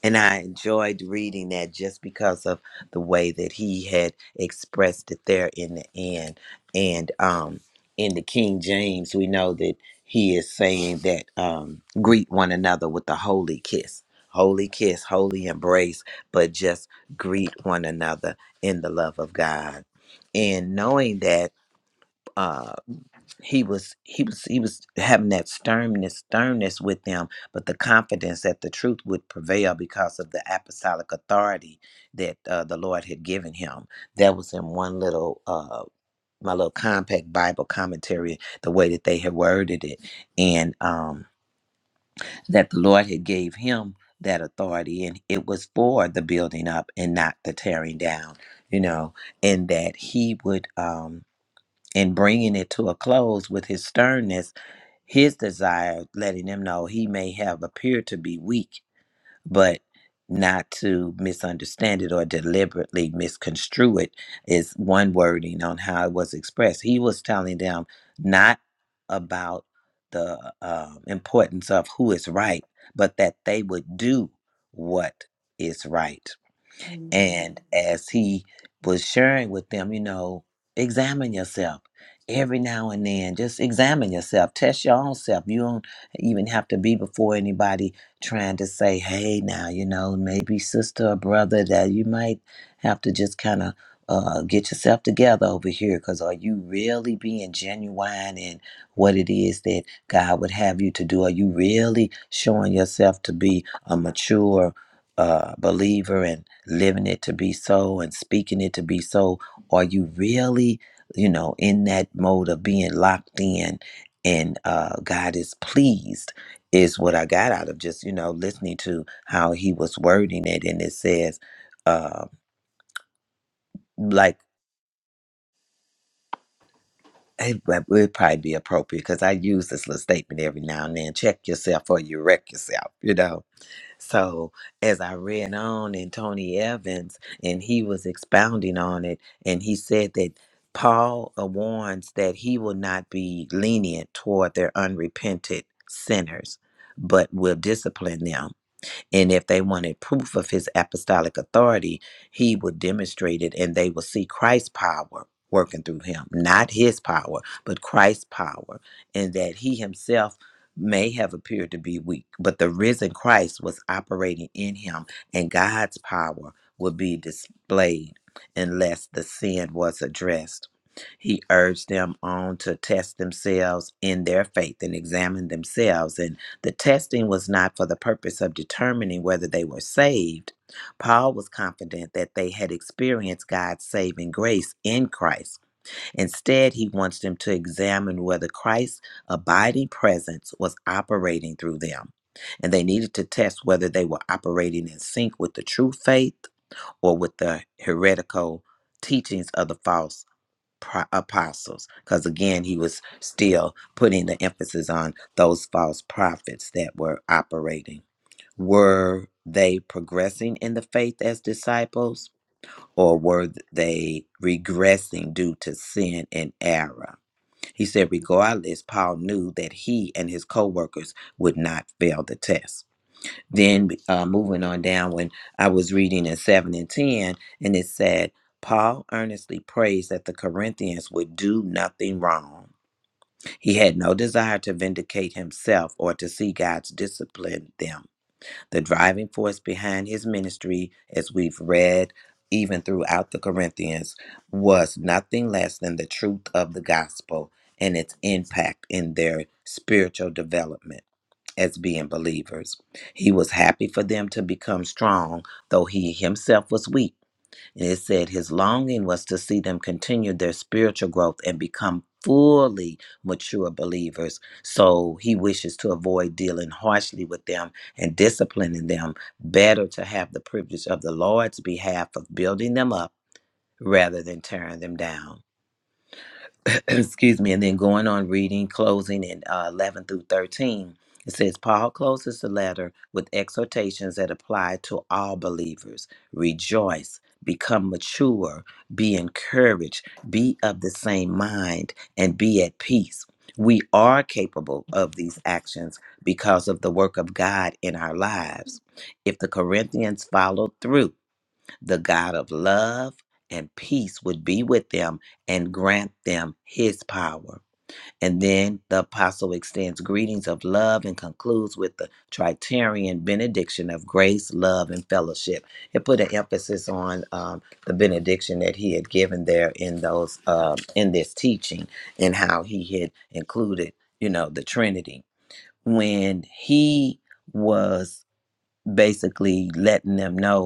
A: And I enjoyed reading that just because of the way that he had expressed it there in the end. And um in the King James, we know that he is saying that um greet one another with the holy kiss. Holy kiss, holy embrace but just greet one another in the love of God. And knowing that uh, he was he was he was having that sternness sternness with them, but the confidence that the truth would prevail because of the apostolic authority that uh, the Lord had given him. That was in one little uh, my little compact Bible commentary, the way that they had worded it, and um, that the Lord had gave him that authority and it was for the building up and not the tearing down, you know, and that he would um in bringing it to a close with his sternness, his desire letting them know he may have appeared to be weak but not to misunderstand it or deliberately misconstrue it is one wording on how it was expressed. He was telling them not about the um, importance of who is right, but that they would do what is right.
H: Mhm.
A: And as he was sharing with them, you know, examine yourself every now and then. Just examine yourself, test your own self. You don't even have to be before anybody trying to say, hey, now, you know, maybe sister or brother, that you might have to just kind of. Uh, get yourself together over here because are you really being genuine in what it is that God would have you to do? Are you really showing yourself to be a mature uh, believer and living it to be so and speaking it to be so? Are you really, you know, in that mode of being locked in and uh, God is pleased? Is what I got out of just, you know, listening to how he was wording it. And it says, uh, like, hey, well, it would would probably be appropriate because I use this little statement every now and then check yourself or you wreck yourself, you know So as I read on in Tony Evans, and he was expounding on it, and he said that Paul uh, warns that he will not be lenient toward their unrepented sinners, but will discipline them and if they wanted proof of his apostolic authority, he would demonstrate it and they will see Christ's power working through him, not his power, but Christ's power, and that he himself may have appeared to be weak, but the risen Christ was operating in him, and God's power would be displayed unless the sin was addressed. He urged them on to test themselves in their faith and examine themselves. and. The testing was not for the purpose of determining whether they were saved. Paul was confident that they had experienced God's saving grace in Christ. Instead, he wants them to examine whether Christ's abiding presence was operating through them. And they needed to test whether they were operating in sync with the true faith or with the heretical teachings of the false pro- apostles because again he was still putting the emphasis on those false prophets that were operating were they progressing in the faith as disciples or were they regressing due to sin and error he said regardless paul knew that he and his co-workers would not fail the test then uh, moving on down when i was reading in 7 and 10 and it said paul earnestly prays that the corinthians would do nothing wrong he had no desire to vindicate himself or to see god's discipline them the driving force behind his ministry as we've read even throughout the corinthians was nothing less than the truth of the gospel and its impact in their spiritual development as being believers. He was happy for them to become strong, though he himself was weak. And it said his longing was to see them continue their spiritual growth and become fully mature believers. So he wishes to avoid dealing harshly with them and disciplining them, better to have the privilege of the Lord's behalf of building them up rather than tearing them down. (clears throat) excuse me, and then going on reading, closing in uh, 11 through 13, it says, Paul closes the letter with exhortations that apply to all believers rejoice, become mature, be encouraged, be of the same mind, and be at peace. We are capable of these actions because of the work of God in our lives. If the Corinthians followed through, the God of love and peace would be with them and grant them his power. And then the apostle extends greetings of love and concludes with the Tritarian benediction of grace, love, and fellowship. It put an emphasis on um, the benediction that he had given there in those um in this teaching and how he had included, you know, the Trinity when he was basically letting them know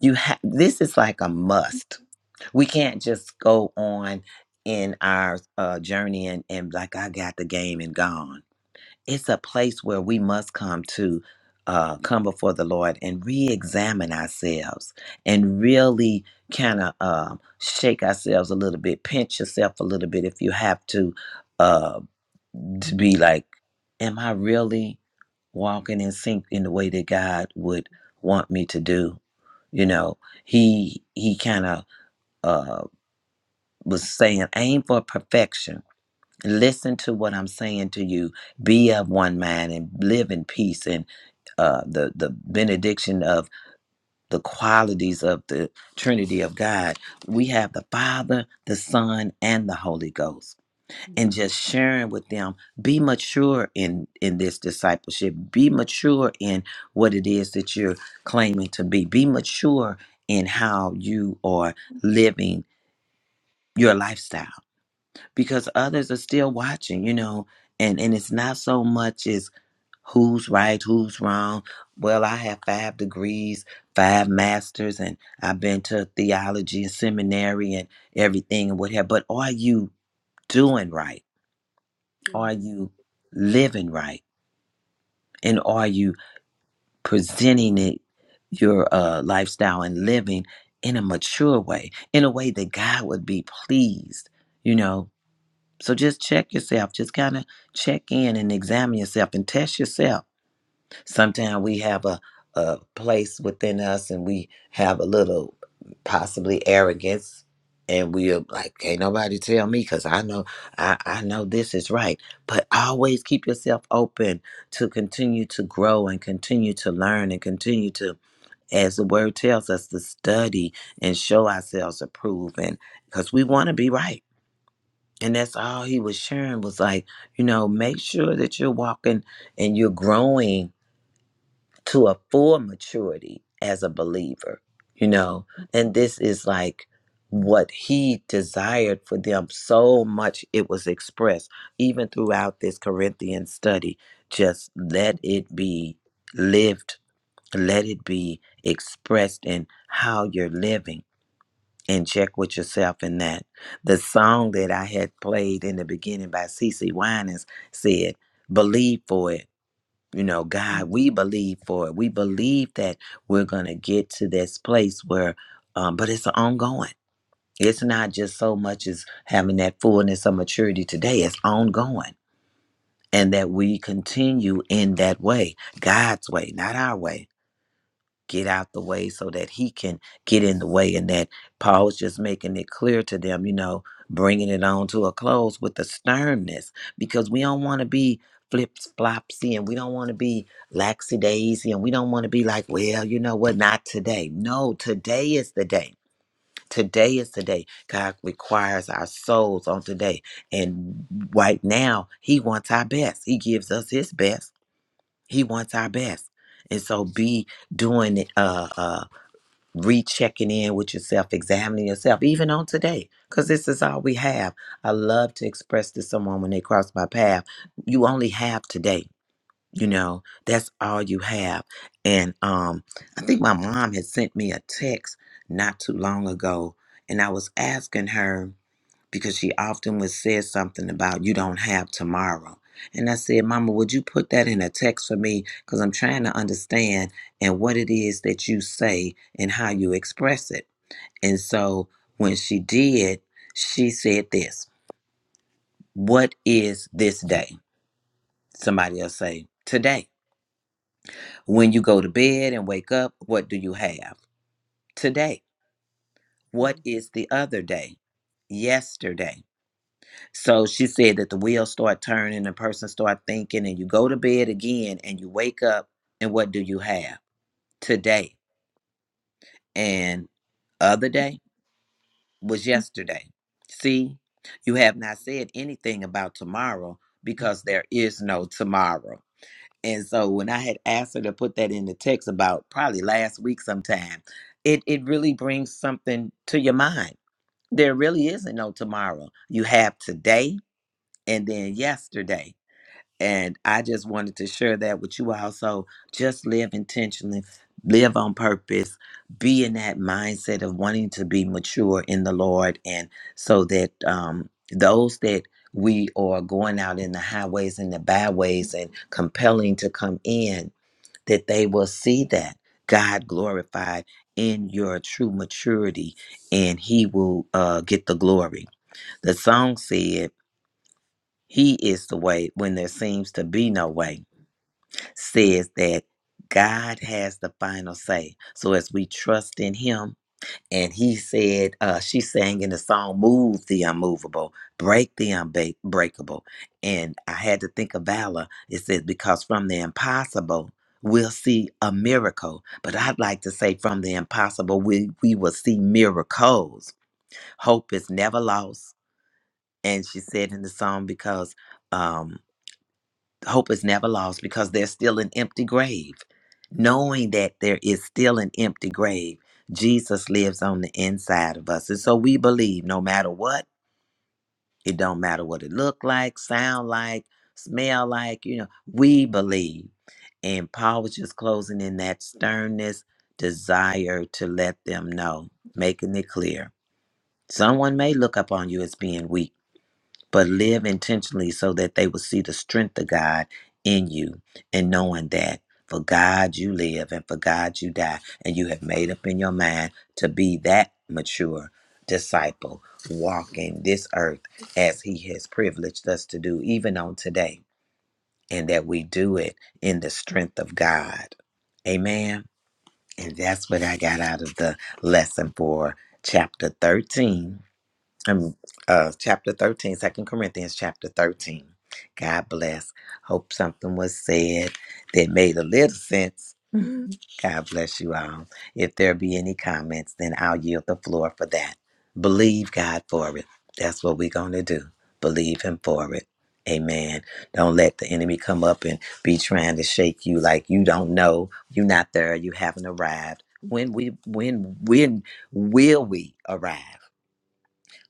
A: you have this is like a must we can't just go on in our uh, journey and, and like i got the game and gone it's a place where we must come to uh, come before the lord and re-examine ourselves and really kind of uh, shake ourselves a little bit pinch yourself a little bit if you have to uh, to be like am i really walking in sync in the way that God would want me to do. You know, he he kind of uh, was saying, aim for perfection. Listen to what I'm saying to you. Be of one mind and live in peace. And uh, the the benediction of the qualities of the Trinity of God. We have the Father, the Son, and the Holy Ghost and just sharing with them be mature in in this discipleship be mature in what it is that you're claiming to be be mature in how you are living your lifestyle because others are still watching you know and and it's not so much as who's right, who's wrong. Well, I have five degrees, five masters, and I've been to theology and seminary and everything and what have. But are you doing right? Are you living right? And are you presenting it, your uh, lifestyle and living in a mature way, in a way that God would be pleased, you know? So just check yourself. Just kind of check in and examine yourself and test yourself Sometimes we have a, a place within us and we have a little possibly arrogance and we're like, can't nobody tell me because I know I, I know this is right. But always keep yourself open to continue to grow and continue to learn and continue to as the word tells us to study and show ourselves approved and because we want to be right. And that's all he was sharing was like, you know, make sure that you're walking and you're growing to a full maturity as a believer, you know. And this is like what he desired for them so much it was expressed even throughout this Corinthian study. Just let it be lived, let it be expressed in how you're living. And check with yourself in that. The song that I had played in the beginning by CC Winans said, Believe for it. You know, God, we believe for it. We believe that we're going to get to this place where, um, but it's ongoing. It's not just so much as having that fullness of maturity today, it's ongoing. And that we continue in that way, God's way, not our way get out the way so that he can get in the way and that paul was just making it clear to them you know bringing it on to a close with the sternness because we don't want to be flips flopsy and we don't want to be lackadaisy and we don't want to be like well you know what not today no today is the day today is the day god requires our souls on today and right now he wants our best he gives us his best he wants our best and so be doing it. Uh, uh, rechecking in with yourself, examining yourself, even on today, because this is all we have. I love to express to someone when they cross my path, you only have today. You know, that's all you have. And um, I think my mom had sent me a text not too long ago, and I was asking her because she often would say something about you don't have tomorrow. And I said, Mama, would you put that in a text for me? Because I'm trying to understand and what it is that you say and how you express it. And so when she did, she said this What is this day? Somebody else say, Today. When you go to bed and wake up, what do you have? Today. What is the other day? Yesterday. So she said that the wheels start turning, the person start thinking, and you go to bed again and you wake up, and what do you have today? And other day was yesterday. See, you have not said anything about tomorrow because there is no tomorrow. And so when I had asked her to put that in the text about probably last week sometime, it, it really brings something to your mind. There really isn't no tomorrow. You have today and then yesterday. And I just wanted to share that with you all. So just live intentionally, live on purpose, be in that mindset of wanting to be mature in the Lord. And so that um, those that we are going out in the highways and the byways and compelling to come in, that they will see that God glorified in your true maturity and he will uh, get the glory. The song said, He is the way when there seems to be no way says that God has the final say. So as we trust in Him, and He said, uh, she sang in the song, Move the unmovable, break the unbreakable. And I had to think of Valor. It says, Because from the impossible, we'll see a miracle. But I'd like to say, From the impossible, we, we will see miracles. Hope is never lost. And she said in the song, Because. um, hope is never lost because there's still an empty grave. Knowing that there is still an empty grave, Jesus lives on the inside of us. And so we believe no matter what, it don't matter what it look like, sound like, smell like, you know, we believe. And Paul was just closing in that sternness, desire to let them know, making it clear. Someone may look upon you as being weak but live intentionally so that they will see the strength of God in you and knowing that for God you live and for God you die. And you have made up in your mind to be that mature disciple walking this earth as He has privileged us to do, even on today, and that we do it in the strength of God. Amen. And that's what I got out of the lesson for chapter 13 um, uh, chapter 13, Second Corinthians chapter 13. God bless. Hope something was said that made a little sense. Mhm. God bless you all. If there be any comments, then I'll yield the floor for that. Believe God for it. That's what we're going to do. Believe Him for it. Amen. Don't let the enemy come up and be trying to shake you like you don't know, you're not there, you haven't arrived. When we when when will we arrive?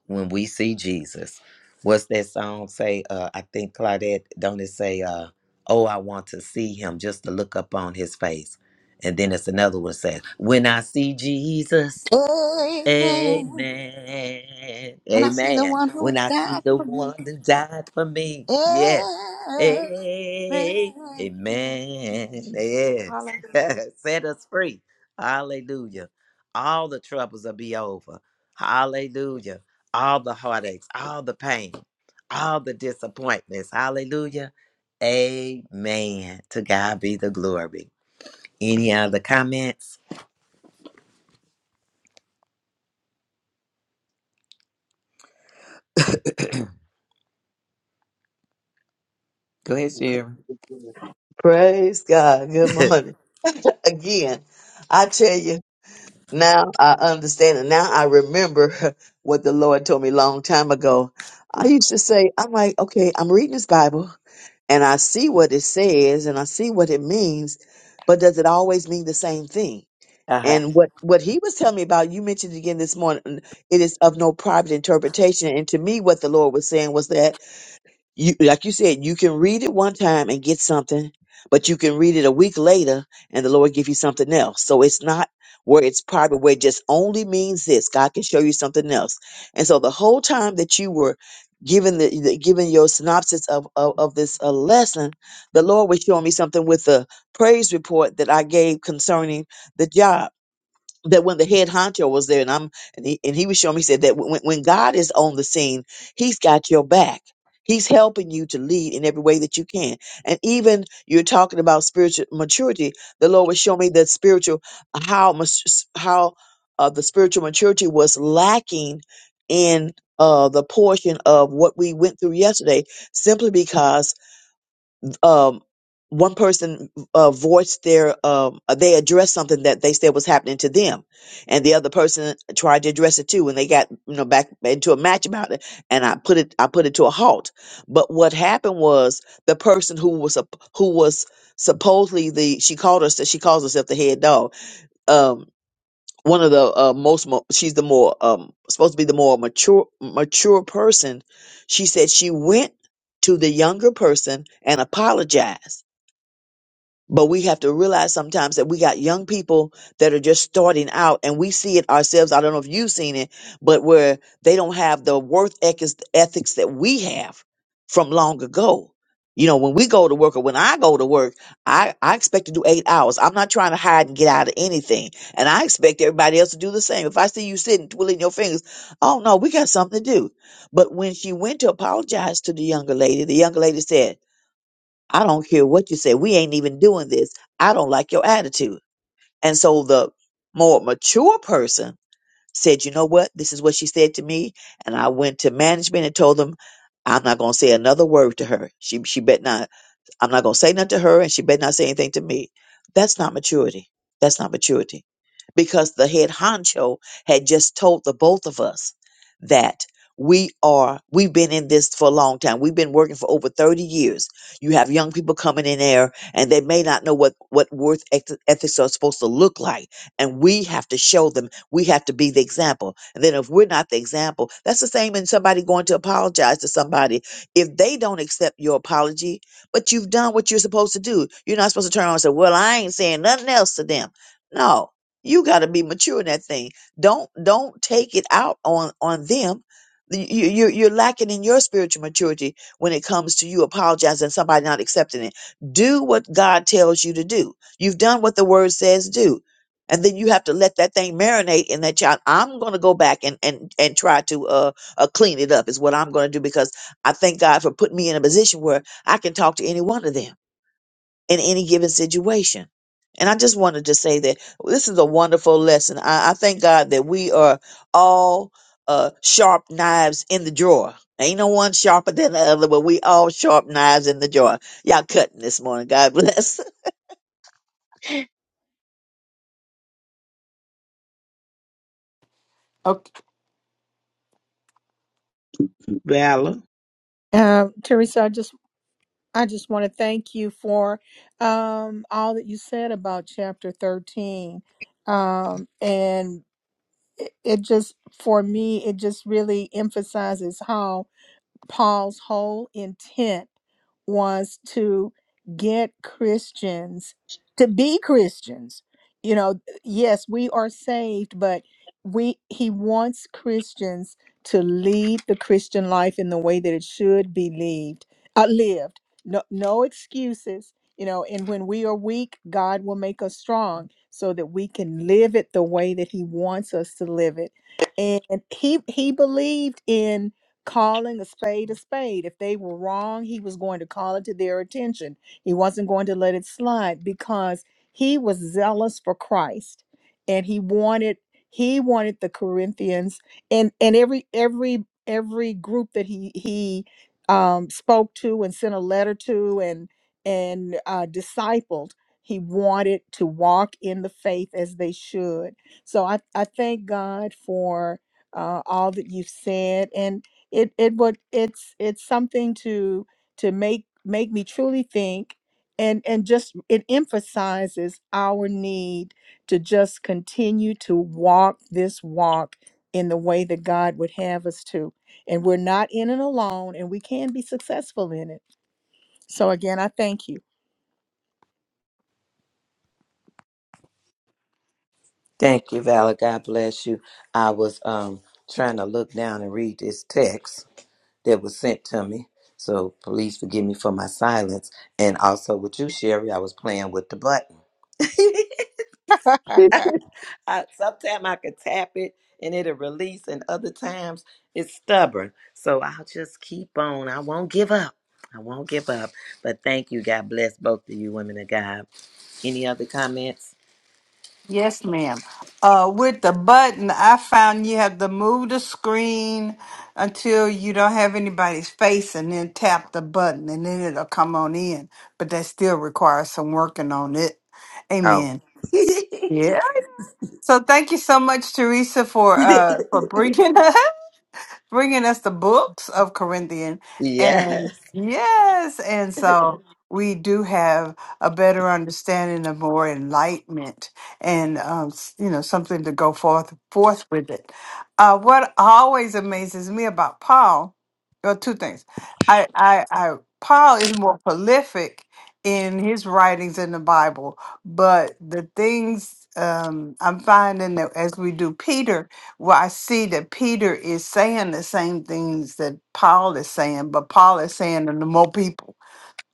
A: when we see Jesus. What's that song say? Uh, I think Claudette, don't it say, uh, Oh, I want to see him just to look up on his face. And then it's another one says, When I see Jesus.
D: Amen.
A: Amen.
D: When I see the
A: Amen.
D: one who
A: When I see
D: died
A: the
D: for
A: one
D: me.
A: that died for me. Yes.
D: Amen. Thank you,
A: Amen.
D: Jesus.
A: Yes. (laughs) Set us free. Hallelujah. All the troubles will be over. Hallelujah. All the heartaches, all the pain, all the disappointments. Hallelujah. Amen. To God be the glory. Any other comments? Go ahead, Sherry.
F: Praise God. Good morning. Again, I tell you, now I understand and now I remember (laughs) what the Lord told me a long time ago. I used to say, I'm like, okay, I'm reading this Bible. and I see what it says and I see what it means, but does it always mean the same thing?
A: (laughs)
F: And what what he was telling me about, you mentioned again this morning. It is of no private interpretation, and to me, what the Lord was saying was that you like you said, you can read it one time and get something, but you can read it a week later and the Lord give you something else. So it's not where it's private, where it just only means this. God can show you something else. And so the whole time that you were giving the, the giving your synopsis of of, of this uh, lesson, the Lord was showing me something with the praise report that I gave concerning the job that when the head honcho was there and I'm and he, and he was showing me he said that when, when God is on the scene, he's got your back. He's helping you to lead in every way that you can. And even you're talking about spiritual maturity. The Lord was showing me that spiritual how much how uh, the spiritual maturity was lacking in uh, the portion of what we went through yesterday, simply because um, one person uh, voiced their um, they addressed something that they said was happening to them, and the other person tried to address it too, and they got you know back into a match about it, and I put it I put it to a halt. But what happened was the person who was sup- who was supposedly the she called herself she calls herself the head dog. Um, one of the uh, most mo- she's the more um, supposed to be the more mature mature person. She said she went to the younger person and apologized but we have to realize sometimes that we got young people that are just starting out and we see it ourselves. I don't know if you've seen it, but where they don't have the worth ethics, ethics that we have from long ago. You know, when we go to work or when I go to work, I, I expect to do eight hours. I'm not trying to hide and get out of anything. And I expect everybody else to do the same. If I see you sitting twiddling your fingers, oh no, we got something to do. But when she went to apologize to the younger lady, the younger lady said, I don't care what you say. We ain't even doing this. I don't like your attitude. And so the more mature person said, you know what? This is what she said to me. And I went to management and told them, I'm not going to say another word to her. She, she bet not. I'm not going to say nothing to her, and she better not say anything to me. That's not maturity. That's not maturity. Because the head honcho had just told the both of us that we are, we've been in this for a long time. We've been working for over 30 years. You have young people coming in there, and they may not know what, what worth eth- ethics are supposed to look like. And we have to show them, we have to be the example. And then if we're not the example, that's the same in somebody going to apologize to somebody if they don't accept your apology but you've done what you're supposed to do. You're not supposed to turn around and say, Well, I ain't saying nothing else to them. No. You gotta be mature in that thing. Don't don't take it out on on them. You, you, you're you're lacking in your spiritual maturity when it comes to you apologizing and somebody not accepting it. Do what God tells you to do. You've done what the word says do. And then you have to let that thing marinate in that child. I'm going to go back and, and, and try to uh, uh, clean it up is what I'm going to do because I thank God for putting me in a position where I can talk to any one of them in any given situation. And I just wanted to say that this is a wonderful lesson. I, I thank God that we are all uh, sharp knives in the drawer. Ain't no one sharper than the other, but we all sharp knives in the drawer. Y'all cutting this morning. God (laughs) bless.
H: Okay.
G: Valor.
B: Um, Teresa, I just I just want to thank you for um, all that you said about chapter thirteen, um, and it, it just for me it just really emphasizes how Paul's whole intent was to get Christians to be Christians. You know, yes, we are saved, but we he wants Christians to lead the Christian life in the way that it should be lived. Uh, lived. No no excuses, you know, and when we are weak, God will make us strong so that we can live it the way that he wants us to live it. And he he believed in calling a spade a spade. If they were wrong, he was going to call it to their attention. He wasn't going to let it slide because he was zealous for Christ and he wanted he wanted the Corinthians and and every every every group that he he um, spoke to and sent a letter to and and uh, discipled he wanted to walk in the faith as they should so i, I thank god for uh, all that you've said. And it it would it's it's something to to make make me truly think and and just it emphasizes our need to just continue to walk this walk in the way that God would have us to and we're not in it alone and we can be successful in it so again, I thank you.
A: Thank you, Valor. God bless you. I was um trying to look down and read this text that was sent to me. So please forgive me for my silence. And also with you, Sherry, I was playing with the button.
B: (laughs)
A: (laughs) I, sometimes I could tap it and it'll release, and other times it's stubborn. So I'll just keep on. I won't give up. I won't give up. But thank you. God bless both of you, women of God. Any other comments?
H: Yes, ma'am. Uh, with the button, I found you have to move the screen until you don't have anybody's face and then tap the button and then it'll come on in. But that still requires some working on it.
A: Oh.
H: Amen. Yeah. So thank you so much, Teresa, for uh for
A: (laughs)
H: bringing (laughs) us bringing us the books of Corinthian.
A: (laughs) yes.
H: And yes, and so we do have a better understanding of more enlightenment and, um, s- you know, something to go forth, forth with it. Uh, what always amazes me about Paul, well, two things. I, I, I, Paul is more prolific in his writings in the Bible, but the things um, I'm finding that as we do Peter, well, I see that Peter is saying the same things that Paul is saying, but Paul is saying to the more people.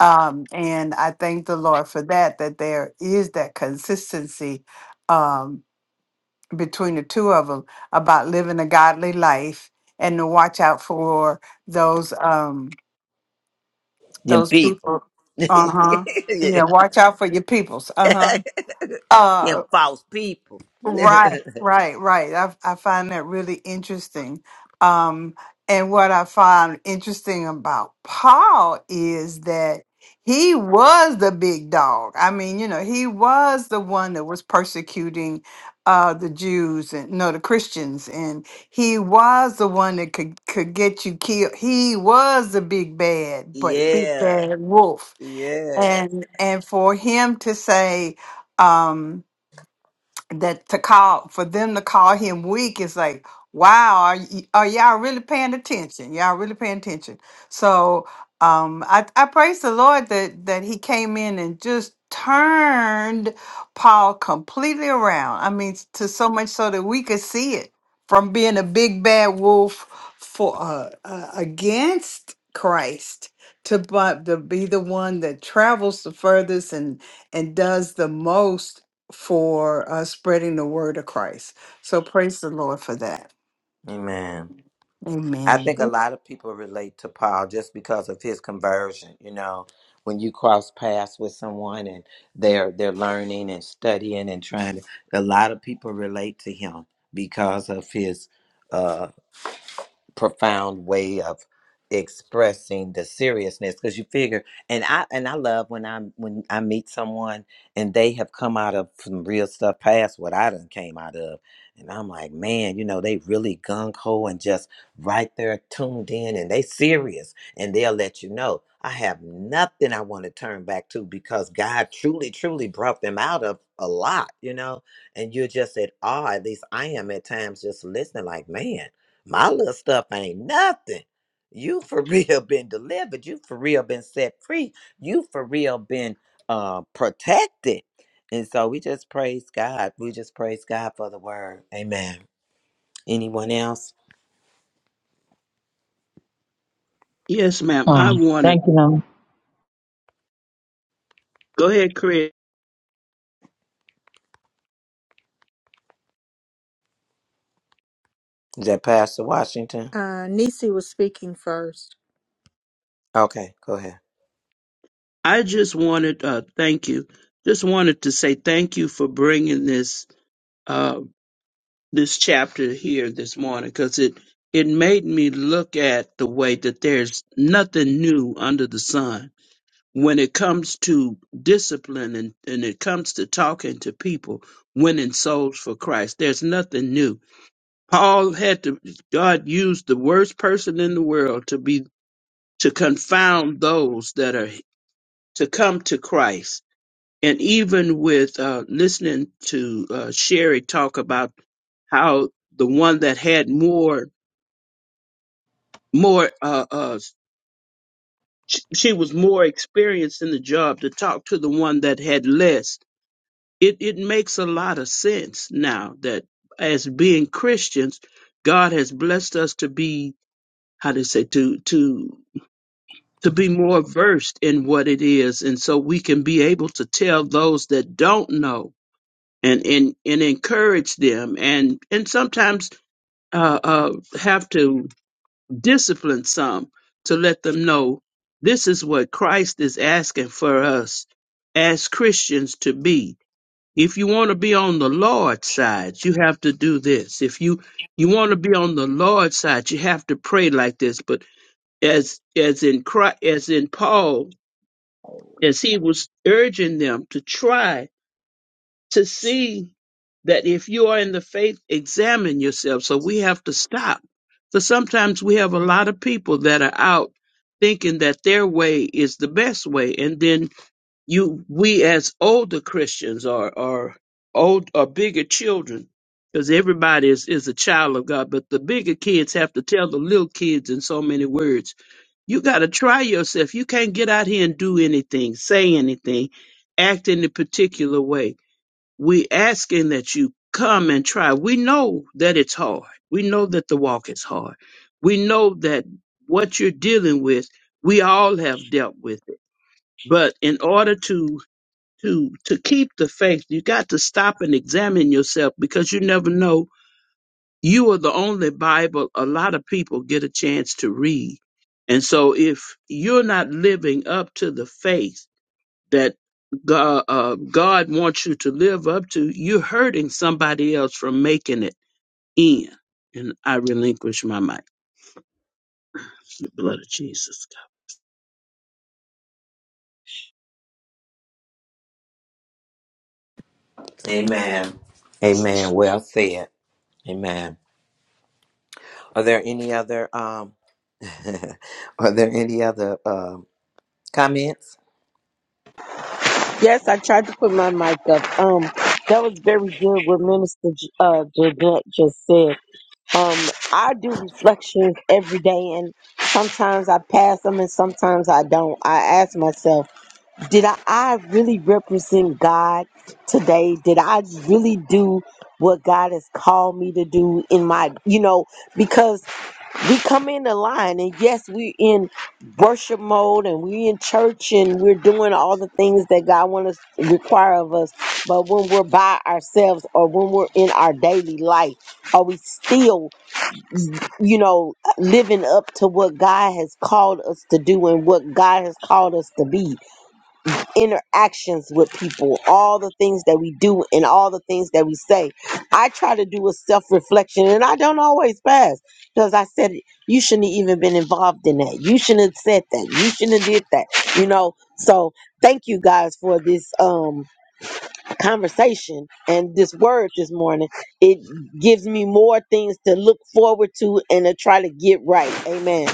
H: Um, and I thank the Lord for that, that there is that consistency um, between the two of them about living a godly life and to watch out for those um,
A: Them
H: those
A: people.
H: people.
A: (laughs)
H: Uh huh.
A: yeah.
H: Yeah, watch out for your peoples.
A: (laughs)
H: Uh-huh. Uh huh.
A: Them false people.
H: Right,
A: (laughs)
H: right, right. I I find that really interesting. Um, and what I find interesting about Paul is that he was the big dog. I mean, you know, he was the one that was persecuting uh the Jews and no the Christians and he was the one that could could get you killed. He was the big bad, but big
A: yeah.
H: bad wolf.
A: Yeah.
H: And and for him to say um that to call for them to call him weak is like wow are, y- are y'all really paying attention y'all really paying attention so um I, I praise the lord that that he came in and just turned paul completely around i mean s- to so much so that we could see it from being a big bad wolf for uh, uh against christ to but to be the one that travels the furthest and and does the most for uh, spreading the word of Christ. So praise the Lord for that.
A: Amen. I think
H: Amen.
A: a lot of people relate to Paul just because of his conversion. You know, when you cross paths with someone and they're they're learning and studying and trying to, a lot of people relate to him because of his uh, profound way of expressing the seriousness. Because you figure, and I and I love when I when I meet someone and they have come out of some real stuff past what I done came out of, and I'm like, man, you know, they really gung ho and just right there tuned in and they serious and they'll let you know i have nothing i want to turn back to because god truly truly brought them out of a lot you know and you're just at awe at least i am at times just listening like man my little stuff ain't nothing you for (laughs) real been delivered you for real been set free you for real been uh protected and so we just praise god we just praise god for the word amen anyone else
G: Yes, ma'am. I wanted. Go ahead, Craig.
A: Is that Pastor Washington?
B: Uh, Nisi was speaking first.
A: Okay, go ahead.
G: I just wanted. Uh, thank you. Just wanted to say thank you for bringing this uh, this chapter here this morning because it it made me look at the way that there's nothing new under the sun when it comes to discipline and, and it comes to talking to people, winning souls for Christ, there's nothing new. Paul had to, God used the worst person in the world to be, to confound those that are to come to Christ. And even with uh, listening to uh, Sherry talk about how the one that had more, more, uh, uh, sh- she was more experienced in the job to talk to the one that had less it, it makes a lot of sense now that as being Christians, God has blessed us to be how to say to to to be more versed in what it is, and so we can be able to tell those that don't know and and and encourage them, and and sometimes uh, uh, have to discipline some to let them know this is what Christ is asking for us as Christians to be if you want to be on the Lord's side, you have to do this. If you you want to be on the Lord's side, you have to pray like this. But as as in Christ, as in Paul, as he was urging them to try to see that if you are in the faith, examine yourself. So we have to stop. So sometimes we have a lot of people that are out thinking that their way is the best way, and then you we as older Christians are are old are bigger children because everybody is, is a child of God, but the bigger kids have to tell the little kids in so many words. You got to try yourself. You can't get out here and do anything, say anything, act in a particular way. We asking that you come and try. We know that it's hard. We know that the walk is hard. We know that what you're dealing with, we all have dealt with it. But in order to to to keep the faith you got to stop and examine yourself because you never know you are the only bible a lot of people get a chance to read and so if you're not living up to the faith that god, uh, god wants you to live up to you're hurting somebody else from making it in and i relinquish my mic the blood of jesus
A: Amen. Amen. Well said. Amen. Are there any other um (laughs) are there any other um comments?
C: yes, I tried to put my mic up. Um, that was very good what Minister J- uh, Jeanette just said. Um, I do reflections every day, and sometimes I pass them, and sometimes I don't. I ask myself, did I, I really represent God today? Did I really do what God has called me to do in my, you know, because we come in the line, and yes, we're in worship mode, and we're in church, and we're doing all the things that God wants to require of us. But when we're by ourselves, or when we're in our daily life, are we still? you know, living up to what God has called us to do and what God has called us to be. Interactions with people, all the things that we do and all the things that we say. I try to do a self reflection and I don't always pass because I said, you shouldn't have even been involved in that. You shouldn't have said that. You shouldn't have did that. You know, so thank you guys for this. Um, conversation and this word this morning, it gives me more things to look forward to and to try to get right. Amen.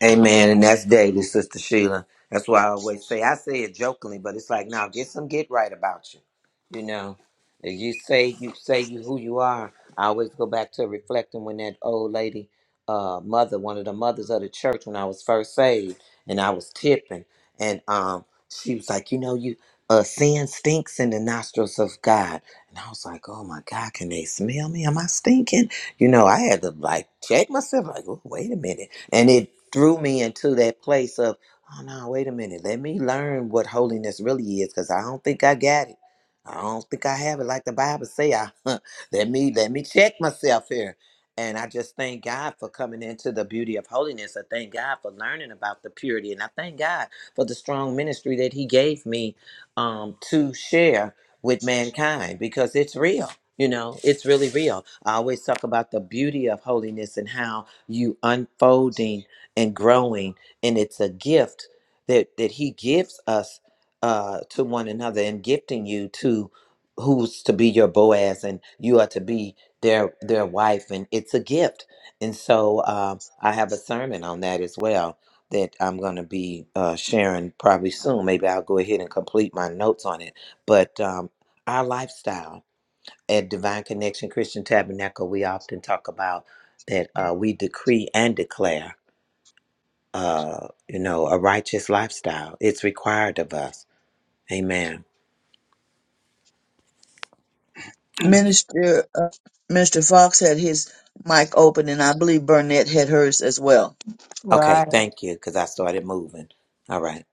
A: Amen, and that's daily, Sister Sheila. That's why I always say I say it jokingly, but it's like now get some get right about you. You know, if you say you say you who you are. I always go back to reflecting when that old lady, uh, mother, one of the mothers of the church, when I was first saved, and I was tipping, and um, she was like, you know, you uh, sin stinks in the nostrils of God, and I was like, oh my God, can they smell me? Am I stinking? You know, I had to like check myself, like, oh, wait a minute. And it threw me into that place of, oh no, wait a minute. Let me learn what holiness really is, because I don't think I got it. I don't think I have it like the Bible say. I (laughs) let me let me check myself here. And I just thank God for coming into the beauty of holiness. I thank God for learning about the purity. And I thank God for the strong ministry that He gave me um, to share with mankind because it's real. You know, it's really real. I always talk about the beauty of holiness and how you unfolding and growing and it's a gift that that he gives us uh to one another and gifting you to who's to be your boaz and you are to be their their wife and it's a gift and so um i have a sermon on that as well that i'm going to be uh sharing probably soon maybe i'll go ahead and complete my notes on it but um our lifestyle at Divine Connection Christian Tabernacle, we often talk about that uh, we decree and declare, uh, you know, a righteous lifestyle. It's required of us. Amen.
F: Minister uh, Mr. Fox had his mic open, and I believe Burnett had hers as well.
A: Okay,
H: Right.
A: thank you, because I started moving. All right,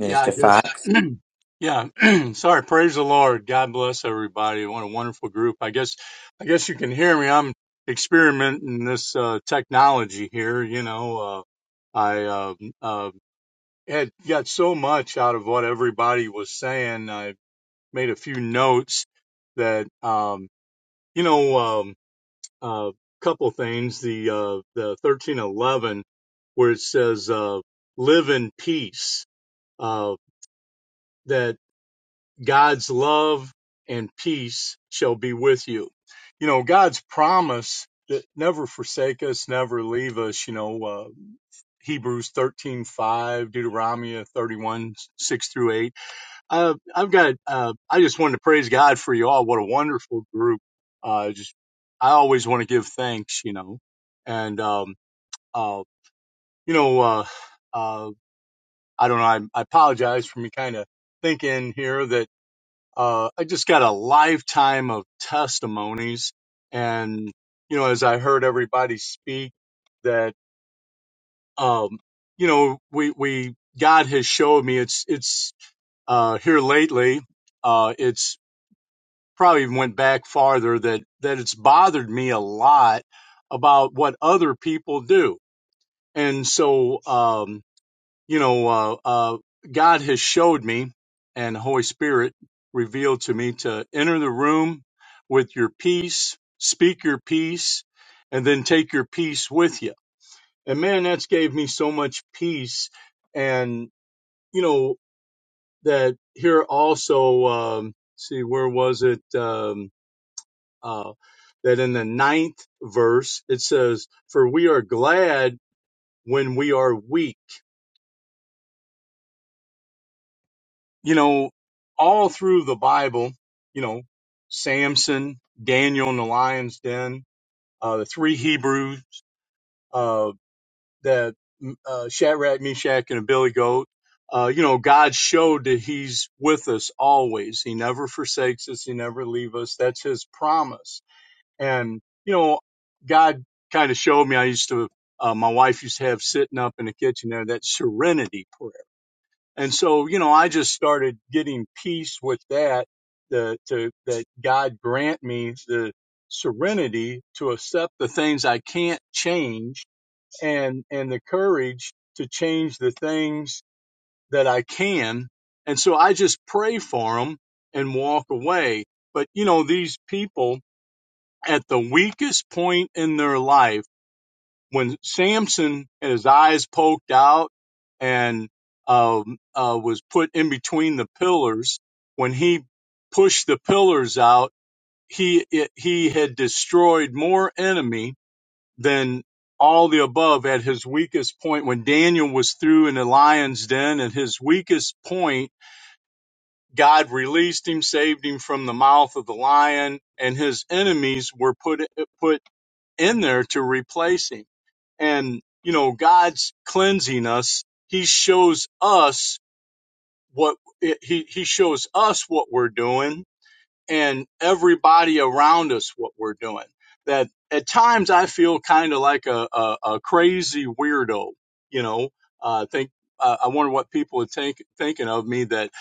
J: Yeah, I guess.
A: Fox.
J: (clears throat) yeah. (clears throat) Sorry. Praise the Lord. God bless everybody. What a wonderful group. I guess, I guess you can hear me. I'm experimenting this uh, technology here. You know, uh, I uh, uh, had got so much out of what everybody was saying. I made a few notes that, um, you know, um, uh, couple things. The uh, the 1311 where it says, uh, "Live in peace." Uh, that God's love and peace shall be with you. You know, God's promise that never forsake us, never leave us, you know, uh, Hebrews 13 5, Deuteronomy 31, 6 through 8. Uh, I've got, uh, I just wanted to praise God for you all. What a wonderful group. Uh, just, I always want to give thanks, you know, and, um, uh, you know, uh, uh, I don't know. I, I apologize for me kind of thinking here that uh, I just got a lifetime of testimonies. And, you know, as I heard everybody speak that, um, you know, we, we, God has showed me it's, it's, uh, here lately, uh, it's probably went back farther that, that it's bothered me a lot about what other people do. And so, um, you know, uh, uh, God has showed me and the Holy Spirit revealed to me to enter the room with your peace, speak your peace, and then take your peace with you. And man, that's gave me so much peace. And, you know, that here also, um, see, where was it? Um, uh, that in the ninth verse, it says, for we are glad when we are weak you know, all through the Bible, you know, Samson, Daniel in the lion's den, uh, the three Hebrews, uh, that, mm, uh, Shadrach, Meshach, and a billy goat, uh, you know, God showed that he's with us always. He never forsakes us. He never leaves us. That's his promise. And, you know, God kind of showed me, I used to, uh, my wife used to have sitting up in the kitchen there, that serenity prayer and so, you know, I just started getting peace with that, the, to, that God grant me the serenity to accept the things I can't change and, and the courage to change the things that I can. And so I just pray for them and walk away. But, you know, these people at the weakest point in their life, when Samson had his eyes poked out and um, uh, was put in between the pillars, when he pushed the pillars out, he it, he had destroyed more enemy than all the above at his weakest point. When Daniel was through in the lion's den at his weakest point, God released him, saved him from the mouth of the lion, and his enemies were put put in there to replace him. And, you know, God's cleansing us. He shows us what, he, he shows us what we're doing and everybody around us what we're doing. That at times I feel kind of like a, a, a crazy weirdo, you know. I Uh, think uh, I wonder what people are think, thinking of me that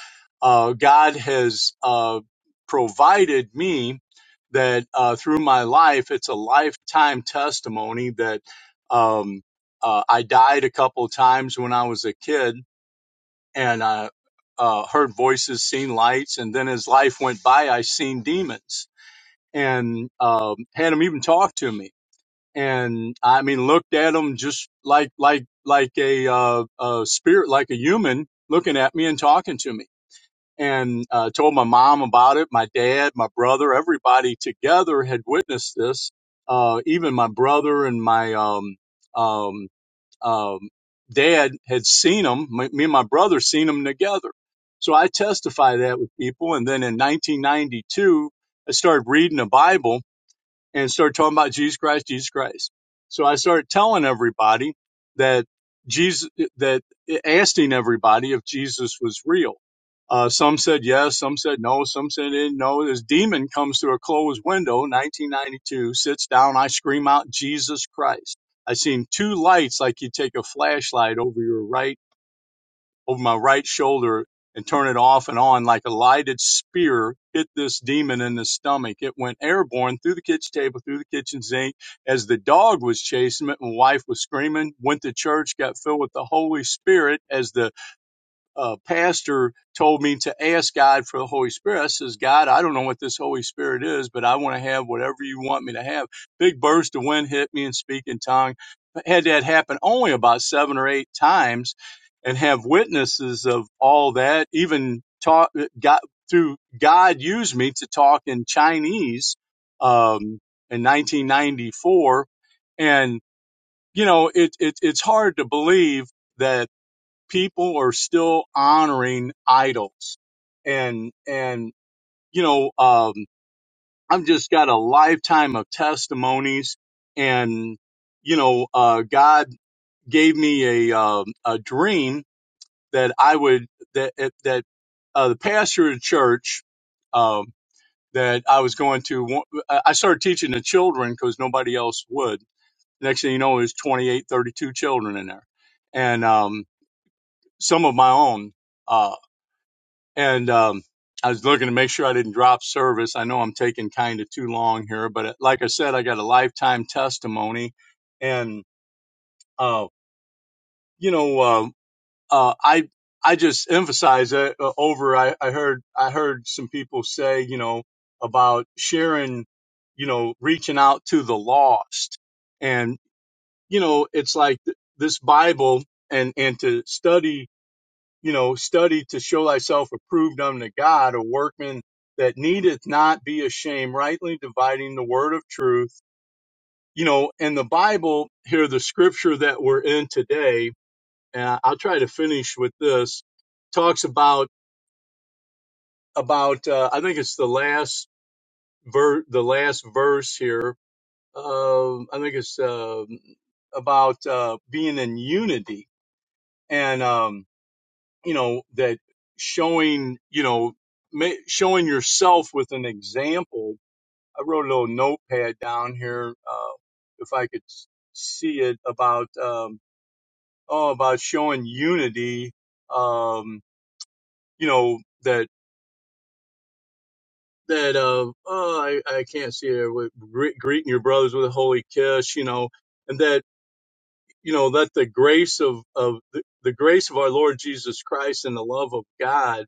J: uh, God has uh, provided me that uh, through my life, it's a lifetime testimony that um, uh, I died a couple of times when I was a kid and I uh, heard voices, seen lights, and then as life went by, I seen demons and um, had them even talk to me, and I mean looked at them just like like like a, uh, a spirit, like a human looking at me and talking to me. And uh, told my mom about it, my dad, my brother, everybody together had witnessed this. Uh, even my brother and my um, um, um, dad had seen them. Me me and my brother seen them together. So I testify that with people. And then in 1992, I started reading the Bible and started talking about Jesus Christ, Jesus Christ. So I started telling everybody that Jesus, that asking everybody if Jesus was real. Uh, some said yes, some said no, some said eh, no. This demon comes through a closed window, 1992, sits down. I scream out, Jesus Christ. I seen two lights like you take a flashlight over your right over my right shoulder and turn it off and on like a lighted spear hit this demon in the stomach. It went airborne through the kitchen table, through the kitchen sink as the dog was chasing it my wife was screaming, went to church, got filled with the Holy Spirit as the uh, pastor told me to ask God for the Holy Spirit. I says, God, I don't know what this Holy Spirit is, but I want to have whatever you want me to have. Big burst of wind hit me and speak in tongue. I Had that happen only about seven or eight times, and have witnesses of all that. Even talk got through God used me to talk in Chinese um, in 1994, and you know it, it it's hard to believe that people are still honoring idols and and you know um i've just got a lifetime of testimonies and you know uh god gave me a um a dream that i would that that uh the pastor of the church um that i was going to i started teaching the children because nobody else would next thing you know there's 28 32 children in there and um some of my own uh, and um, I was looking to make sure I didn't drop service. I know I'm taking kind of too long here, but uh, like I said, I got a lifetime testimony, and uh, you know, uh, uh, I I just emphasize it uh, over. I, I heard I heard some people say, you know, about sharing, you know, reaching out to the lost, and you know, it's like th- this Bible and and to study you know, study to show thyself approved unto God, a workman that needeth not be ashamed, rightly dividing the word of truth. You know, and the Bible here, the scripture that we're in today, and I- will try to finish with this, talks about about uh, I think it's the last ver the last verse here. Um, I think it's um about uh, being in unity and. um, you know that showing you know ma- showing yourself with an example i wrote a little notepad down here uh, if i could s- see it about um, oh about showing unity um, you know that that uh, oh, I, I can't see it with gre- greeting your brothers with a holy kiss you know and that you know let the grace of of the, the grace of our lord jesus christ and the love of god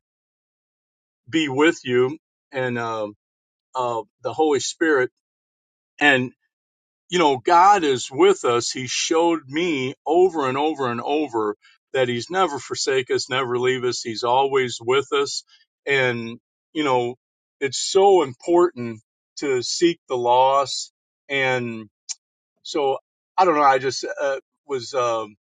J: be with you and um of the Holy Spirit. And, you know, God is with us. He showed me over and over and over that He's never forsake us, never leave us. He's always with us. And, you know, it's so important to seek the lost. And so I don't know. I just uh, was, um,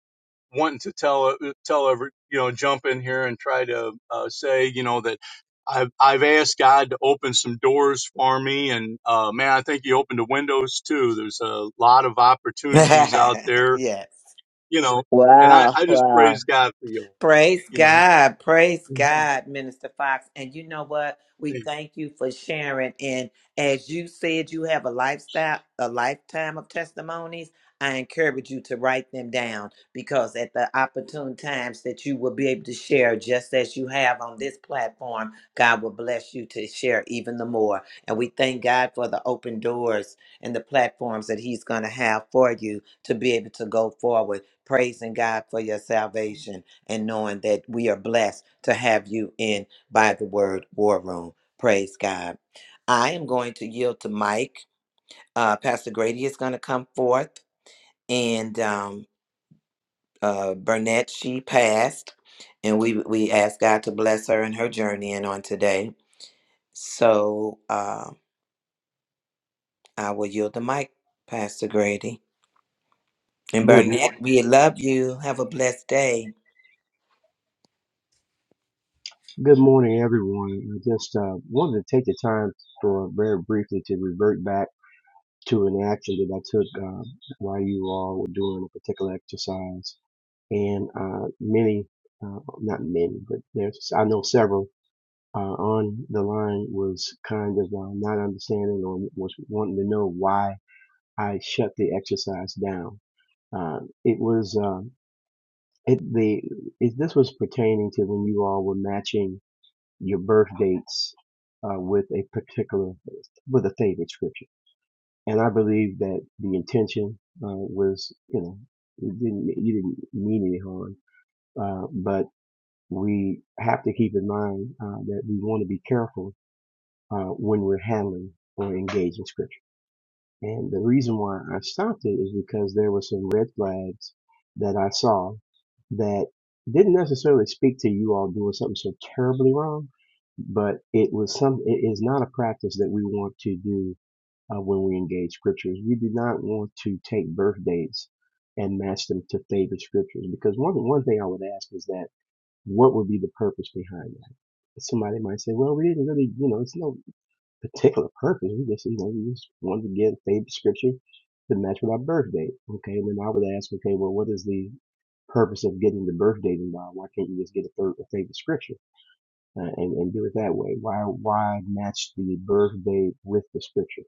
J: wanting to tell uh, tell every you know jump in here and try to uh, say you know that I've I've asked God to open some doors for me, and uh, man, I think He opened the windows too. There's a lot of
A: (laughs)
J: opportunities out there,
A: yes.
J: you know, and I
F: Wow,
J: I just
F: wow.
J: praise God for you, all,
A: Praise
J: you know.
A: God. Praise
J: Mhm.
A: God, Minister Fox. And you know what? We thank you for sharing. And as you said, you have a lifestyle, a lifetime of testimonies. I encourage you to write them down because at the opportune times that you will be able to share, just as you have on this platform, God will bless you to share even the more. And we thank God for the open doors and the platforms that He's going to have for you to be able to go forward, praising God for your salvation and knowing that we are blessed to have you in by the word war room. Praise God. I am going to yield to Mike. Uh, Pastor Grady is going to come forth, and um, uh, Burnett she passed, and we we asked God to bless her in her journey and on today. So uh, I will yield the mic, Pastor Grady. And
K: Good morning.
A: Burnett, we love you. Have a blessed day.
K: Good morning, everyone. I just uh, wanted to take the time for very briefly to revert back to an action that I took uh, while you all were doing a particular exercise, and uh, many, uh, not many, but there's I know several uh, on the line was kind of uh, not understanding or was wanting to know why I shut the exercise down. Uh, it was uh, it the it, this was pertaining to when you all were matching your birth dates uh, with a particular with a favorite scripture. And I believe that the intention uh, was, you know, it didn't you didn't mean any harm, uh, but we have to keep in mind uh, that we want to be careful uh, when we're handling or engaging scripture. And the reason why I stopped it is because there were some red flags that I saw that didn't necessarily speak to you all doing something so terribly wrong, but it was some. It is not a practice that we want to do uh, when we engage scriptures. We do not want to take birth dates and match them to favorite scriptures because one one thing I would ask is that what would be the purpose behind that? Somebody might say, well, we didn't really, you know, it's no particular purpose. We just, you know, we just wanted to get a favorite scripture to match with our birth date. Okay, and then I would ask, okay, well, what is the purpose of getting the birth date involved? Why can't you just get a, third, a favorite scripture uh, and, and do it that way? Why why match the birth date with the scripture?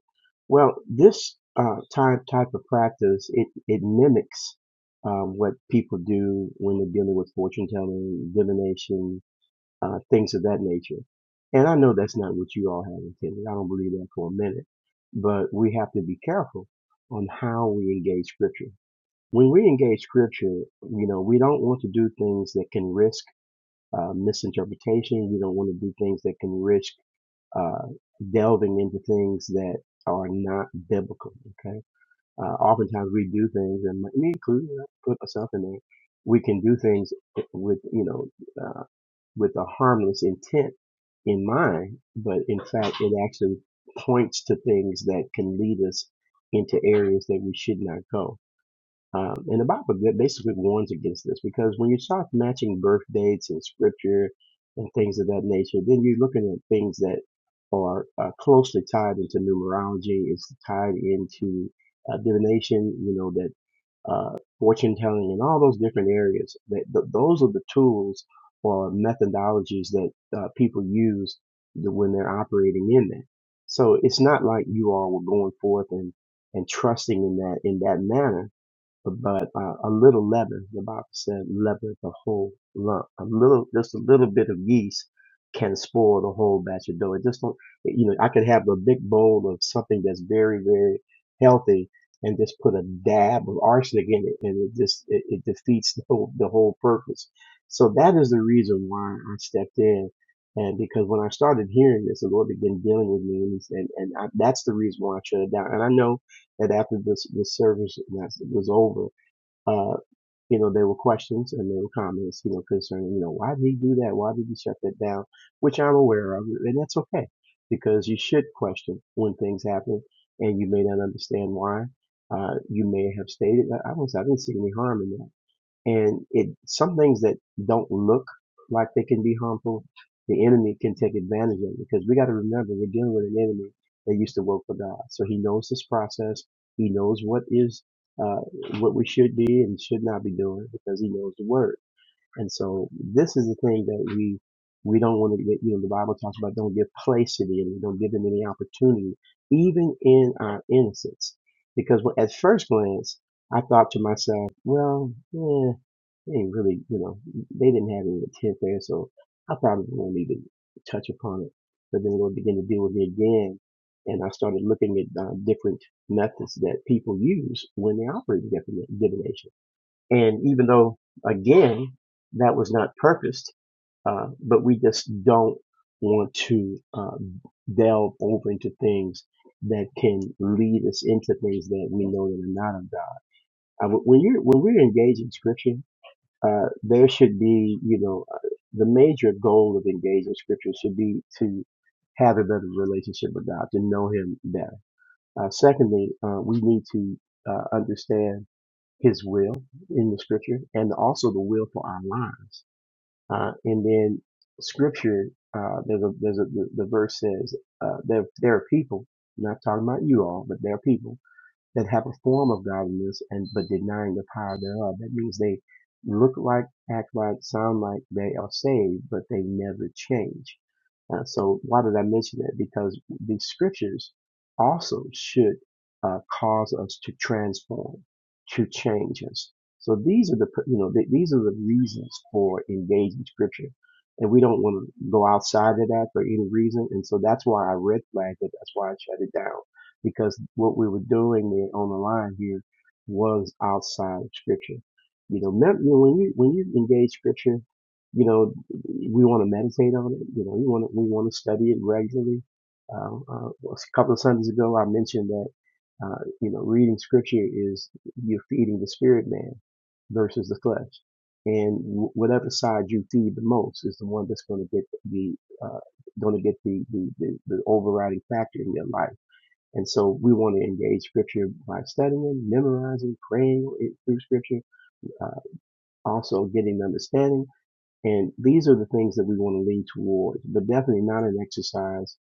K: Well, this uh, type type of practice it it mimics um, what people do when they're dealing with fortune telling, divination, uh, things of that nature. And I know that's not what you all have intended. I don't believe that for a minute. But we have to be careful on how we engage scripture. When we engage scripture, you know, we don't want to do things that can risk uh, misinterpretation. We don't want to do things that can risk uh, delving into things that are not biblical. Okay. Uh, oftentimes we do things, and me included, I put myself in there. We can do things with, you know, uh, with a harmless intent in mind, but in fact, it actually points to things that can lead us into areas that we should not go. Um, and the Bible basically warns against this because when you start matching birth dates and scripture and things of that nature, then you're looking at things that are uh, closely tied into numerology. It's tied into uh, divination, you know, that uh, fortune telling and all those different areas. That, th- those are the tools or methodologies that uh, people use th- when they're operating in that. So it's not like you all were going forth and, and trusting in that in that manner but uh, a little leaven, the Bible said, leaven the whole lump. A little, just a little bit of yeast can spoil the whole batch of dough. It just don't, you know, I could have a big bowl of something that's very, very healthy and just put a dab of arsenic in it and it just, it, it defeats the whole, the whole purpose. So that is the reason why I stepped in. And because when I started hearing this, the Lord began dealing with me and, he said- and, I, that's the reason why I shut it down. And I know that after this this service was over, uh, you know, there were questions and there were comments, you know, concerning, you know, why did he do that? Why did he shut that down? Which I'm aware of, and that's okay because you should question when things happen, and you may not understand why. Uh, you may have stated, I I was, I didn't see any harm in that and it some things that don't look like they can be harmful, the enemy can take advantage of because we got to remember we're dealing with an enemy that used to work for God, so He knows this process. He knows what is uh, what we should be and should not be doing because He knows the Word. And so this is the thing that we we don't want to get. You know, the Bible talks about don't give place to the enemy, don't give him any opportunity, even in our innocence, because at first glance I thought to myself, well, yeah they didn't really, you know, they didn't have any intent there. So I probably won't even touch upon it. But then we'll begin to deal with me again. And I started looking at uh, different methods that people use when they operate in divination. And even though, again, that was not purposed, uh, but we just don't want to uh, delve over into things that can lead us into things that we know that are not of God. I, when you're when we're engaged in Scripture, uh, there should be, you know, uh, the major goal of engaging scripture should be to have a better relationship with God, to know Him better. Uh, secondly, uh, we need to uh, understand His will in the scripture and also the will for our lives. Uh, and then scripture, uh, there's a, there's a, the, the verse says, uh, there, there are people, not talking about you all, but there are people that have a form of godliness and but denying the power thereof. That means they look like, act like, sound like they are saved, but they never change. Uh, so why did I mention that? Because the scriptures also should uh, cause us to transform, to change us. So these are the you know th- these are the reasons for engaging scripture, and we don't want to go outside of that for any reason. And so that's why I red flagged it. That's why I shut it down because what we were doing there on the line here was outside of scripture. You know, mem- you know, when you when you engage scripture, you know, we want to meditate on it. You know, we want to we want to study it regularly. Uh, uh, a couple of Sundays ago, I mentioned that uh, you know reading scripture is you're feeding the spirit man versus the flesh, and wh- whatever side you feed the most is the one that's going to get the uh, going to get the, the the the overriding factor in your life and so we want to engage scripture by studying, memorizing, praying through scripture, uh, also getting understanding. And these are the things that we want to lead towards, but definitely not an exercise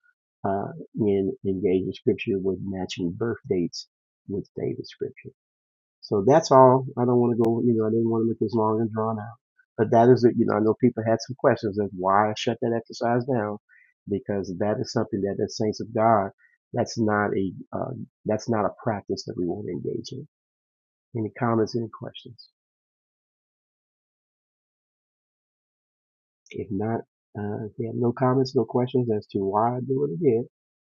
K: uh, in engaging scripture with matching birth dates with David's scripture. So that's all. I don't want to go, you know, I didn't want to make this long and drawn out. But that is it. You know, I know people had some questions of why I shut that exercise down because that is something that the saints of God, that's not a, uh, that's not a practice that we want to engage in. Any comments, any questions? If not, uh, if you have no comments, no questions as to why I do what I did,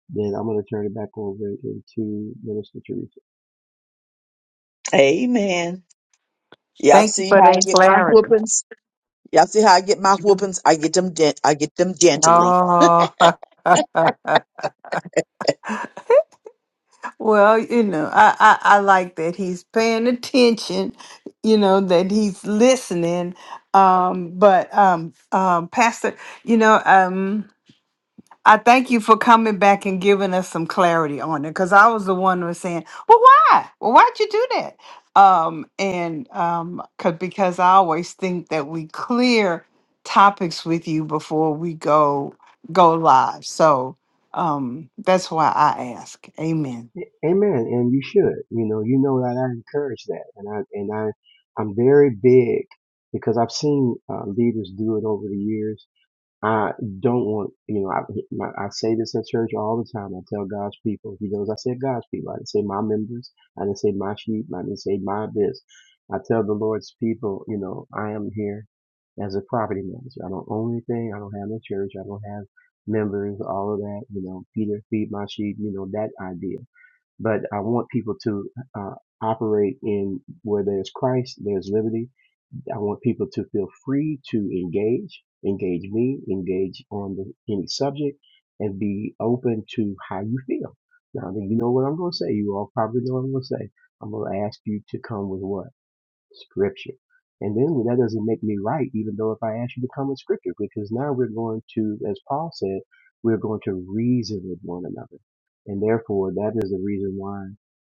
K: then I'm going to turn it back over into Minister Teresa.
F: Amen. Y'all
H: Thank you
F: see
H: for that.
F: how I get my whoopings? Y'all see how I get my whoopings? I get them gen- I get them gently.
H: Oh. (laughs) well, you know, I, I, I like that he's paying attention, you know, that he's listening. Um, but um, um, Pastor, you know, um, I thank you for coming back and giving us some clarity on it because I was the one who was saying, "Well, why? Well, why'd you do that?" Um, and um, cause, because I always think that we clear topics with you before we go go live. So um, that's why I ask. Amen.
K: Amen. And you should, you know, you know that I encourage that, and I and I I'm very big because I've seen uh, leaders do it over the years. I don't want, you know, I my, I say this in church all the time. I tell God's people, He knows I said God's people. I didn't say my members. I didn't say my sheep. I didn't say my this. I tell the Lord's people, you know, I am here as a property manager. I don't own anything. I don't have no church. I don't have members. All of that, you know, Peter feed my sheep. You know that idea but I want people to uh, operate in where there's Christ, there's liberty. I want people to feel free to engage, engage me, engage on the, any subject, and be open to how you feel. Now, you know what I'm going to say. You all probably know what I'm going to say. I'm going to ask you to come with what? scripture. And then well, that doesn't make me right, even though if I ask you to come with scripture, because now we're going to, as Paul said, we're going to reason with one another. And therefore, that is the reason why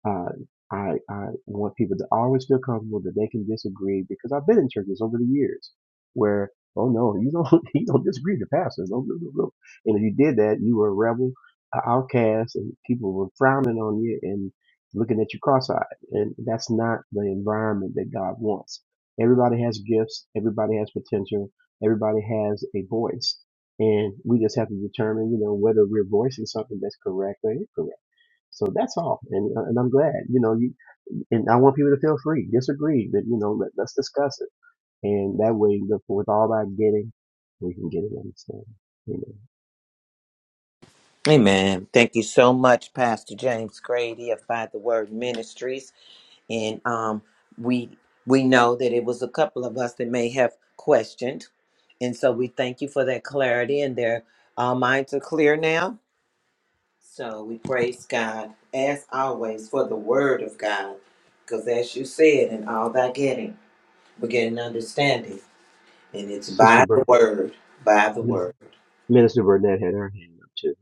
K: uh, I, I want people to always feel comfortable that they can disagree, because I've been in churches over the years where, oh no, you don't, (laughs) you don't disagree with the pastor. No, no, no, no. And if you did that, you were a rebel, a outcast, and people were frowning on you and looking at you cross-eyed and that's not the environment that God wants. Everybody has gifts, everybody has potential, everybody has a voice, and we just have to determine, you know, whether we're voicing something that's correct or incorrect. So that's all, and uh, and I'm glad, you know, you and I want people to feel free, disagree, but you know, let, let's discuss it, and that way, with all that getting, we can get an understanding. You know,
A: Amen. Thank you so much, Pastor James Grady of By the Word Ministries. and um, we we know that it was a couple of us that may have questioned, and so we thank you for that clarity, and their uh, minds are clear now. So we praise God as always for the Word of God, because as you said, in all thy getting, we're getting understanding, and it's
K: Sister
A: by the Word, by the
K: Burnett,
A: Word.
K: Minister Burnett had her hand up too.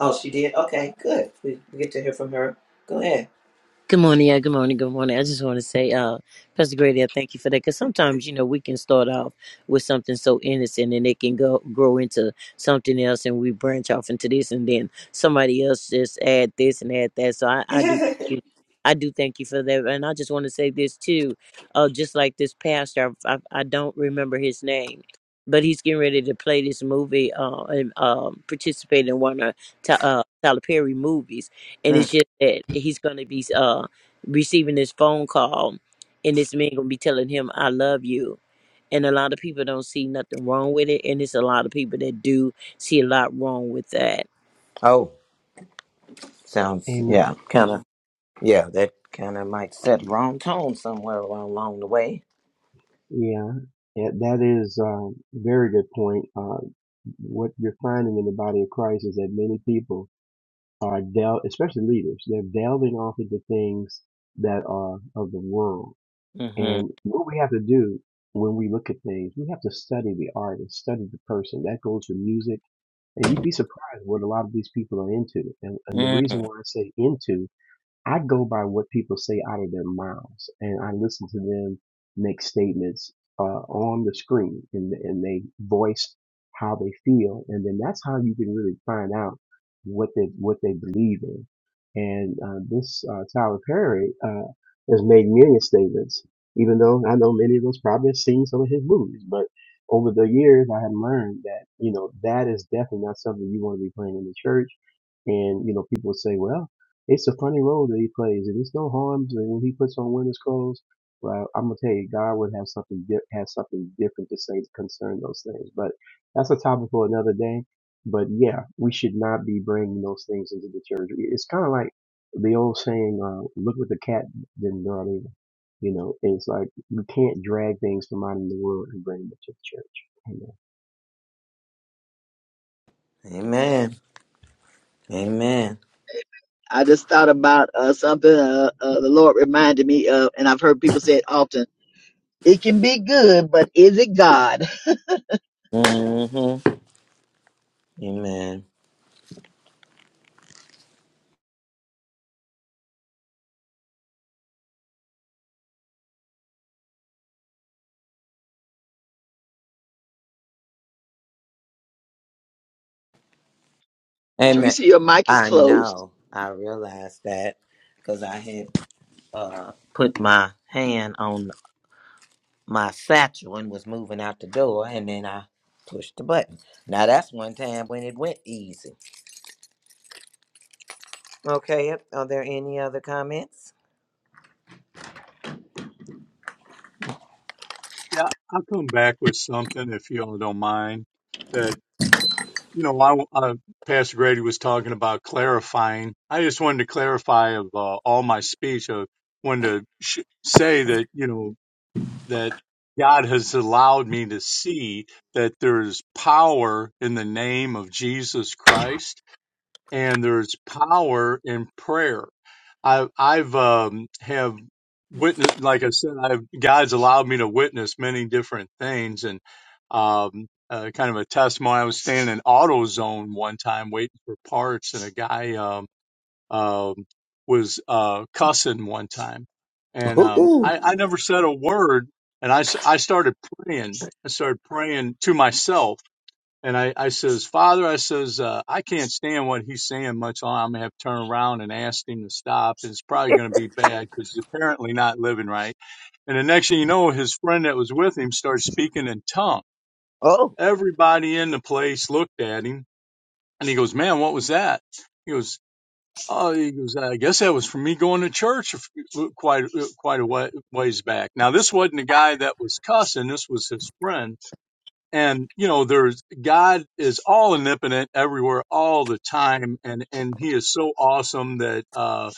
A: Oh, she did. Okay, good. We, we get to hear from her. Go ahead.
L: Good morning, yeah. Good morning, good morning. I just want to say, uh, Pastor Grady, I thank you for that. Because sometimes, you know, we can start off with something so innocent, and it can go grow into something else, and we branch off into this, and then somebody else just add this and add that. So I, I do thank
A: (laughs)
L: you. I do thank you for that, and I just want to say this too. Uh, just like this pastor, I, I, I don't remember his name, but he's getting ready to play this movie uh, and um, participate in one of Ta- uh, Tyler Perry movies and
A: Mm.
L: it's just that he's going to be uh receiving this phone call and this man going to be telling him i love you and a lot of people don't see nothing wrong with it and it's a lot of people that do see a lot wrong with that
A: Oh, sounds
K: Amen.
A: yeah, kind of. Yeah, that kind of might set wrong tone somewhere along, along the way.
K: Yeah, yeah, that is a very good point. Uh, what you're finding in the body of Christ is that many people are del, especially leaders, they're delving off into things that are of the world.
A: hmm
K: And what we have to do when we look at things, we have to study the artist, study the person. That goes for music, and you'd be surprised what a lot of these people are into. And, and the reason
A: Mm.
K: why I say into I go by what people say out of their mouths, and I listen to them make statements uh, on the screen, and and they voice how they feel, and then that's how you can really find out what they what they believe in. And uh, this uh, Tyler Perry uh, has made many statements, even though I know many of us probably have seen some of his movies, but over the years I have learned that you know that is definitely not something you want to be playing in the church. And you know, people say, "Well." It's a funny role that he plays, and it's no harm to- when he puts on winter's clothes. Well, I'm gonna tell you, God would have something di- has something different to say concerning those things. But that's a topic for another day. But yeah, we should not be bringing those things into the church. It's kind of like the old saying, uh, "Look what the cat didn't do." Either. You know, it's like you can't drag things from out in the world and bring them to the church.
A: Amen. Amen.
F: I just thought about uh, something uh, uh, the Lord reminded me of, and I've heard people say it often. It can be good, but is it God?
A: hmm Amen.
F: (laughs)
A: Amen.
F: Teresa, your mic is
A: I
F: closed.
A: know. I realized that because I had uh, put my hand on my satchel and was moving out the door, and then I pushed the button. Now that's one time when it went easy. Okay, yep. are there any other comments?
J: Yeah, I'll come back with something if y'all don't mind. that. You know, I, uh, Pastor Grady was talking about clarifying. I just wanted to clarify of uh, all my speech. I wanted to sh- say that, you know, that God has allowed me to see that there is power in the name of Jesus Christ and there's power in prayer. I, I've um, have witnessed, like I said, I've God's allowed me to witness many different things, and um, uh, kind of a testimony. I was standing in AutoZone one time waiting for parts, and a guy um, um, was uh, cussing one time, and um, I, I
A: Ooh.
J: never said a word, and I s- I started praying. I started praying to myself and I, I says, Father, I says, uh, I can't stand what he's saying much longer. I'm going to have to turn around and ask him to stop. It's probably going to be bad because he's apparently not living right. And the next thing you know, his friend that was with him starts speaking in tongue.
A: Oh,
J: Everybody in the place looked at him and he goes, man, what was that? He goes, oh, he goes, I guess that was from me going to church quite, uh, quite a ways back. Now, this wasn't the guy that was cussing. This was his friend and you know there's god is all omnipotent everywhere all the time and and he is so awesome that uh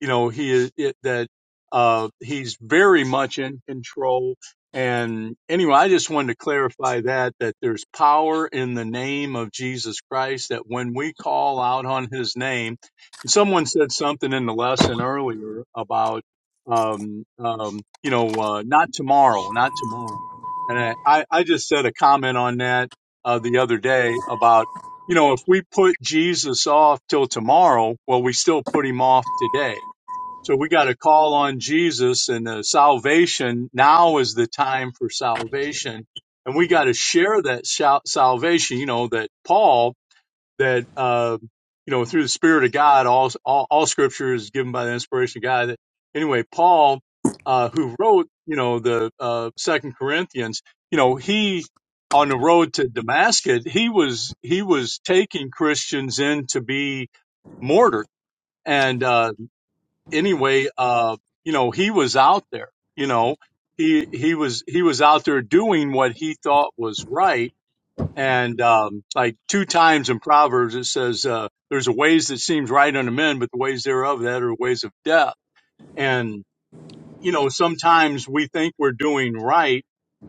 J: you know he is it, that uh he's very much in control and anyway i just wanted to clarify that that there's power in the name of jesus christ that when we call out on his name and someone said something in the lesson earlier about um um you know uh, not tomorrow not tomorrow and I, I just said a comment on that uh, the other day about, you know, if we put Jesus off till tomorrow, well, we still put him off today. So we got to call on Jesus and the salvation. Now is the time for salvation. And we got to share that sal- salvation, you know, that Paul that um, you know through the Spirit of God, all all, all Scripture is given by the inspiration of God. That, anyway, Paul, uh, who wrote you know the uh, Second Corinthians, you know he on the road to Damascus, he was he was taking Christians in to be martyred, and uh, anyway, uh, you know he was out there, you know. He, he was he was out there doing what he thought was right and um, like two times in Proverbs it says, uh, "There's a ways that seems right unto men, but the ways thereof that are ways of death." And you know, sometimes we think we're doing right,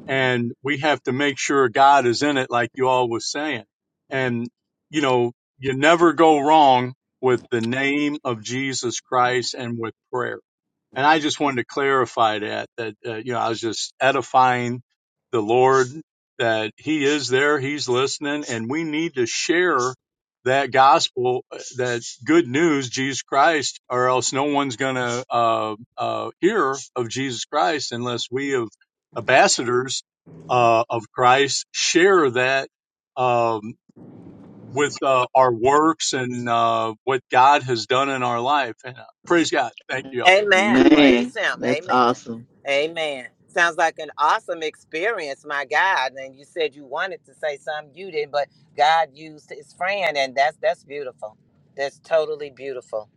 J: and we have to make sure God is in it, like you all was saying. And you know, you never go wrong with the name of Jesus Christ and with prayer and I just wanted to clarify that that uh, you know I was just edifying the Lord that He is there, He's listening, and we need to share that gospel, uh, that good news, Jesus Christ, or else no one's going to uh, uh, hear of Jesus Christ unless we, of ambassadors uh, of Christ, share that. Um, with uh, our works and uh, what God has done in our life. And uh, praise God. Thank you all.
A: Amen.
F: Man,
A: Praise Him.
F: that's
A: Amen.
F: awesome.
A: Amen. Sounds like an awesome experience, my God. And you said you wanted to say something, you didn't, but God used His friend, and that's that's beautiful. That's totally beautiful.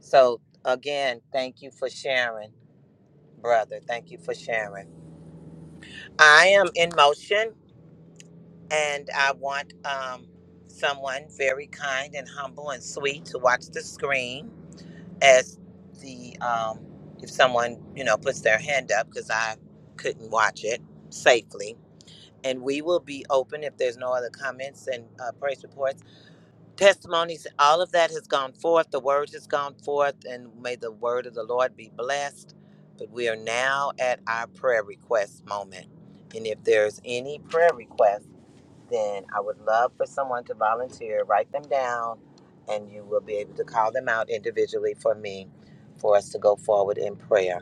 A: So again, thank you for sharing, brother. Thank you for sharing. I am in motion and I want um, someone very kind and humble and sweet to watch the screen as the, um, if someone, you know, puts their hand up because I couldn't watch it safely. And we will be open if there's no other comments and uh, praise reports testimonies, all of that has gone forth. The word has gone forth, and may the word of the Lord be blessed. But we are now at our prayer request moment. And if there's any prayer request, then I would love for someone to volunteer, write them down, and you will be able to call them out individually for me for us to go forward in prayer.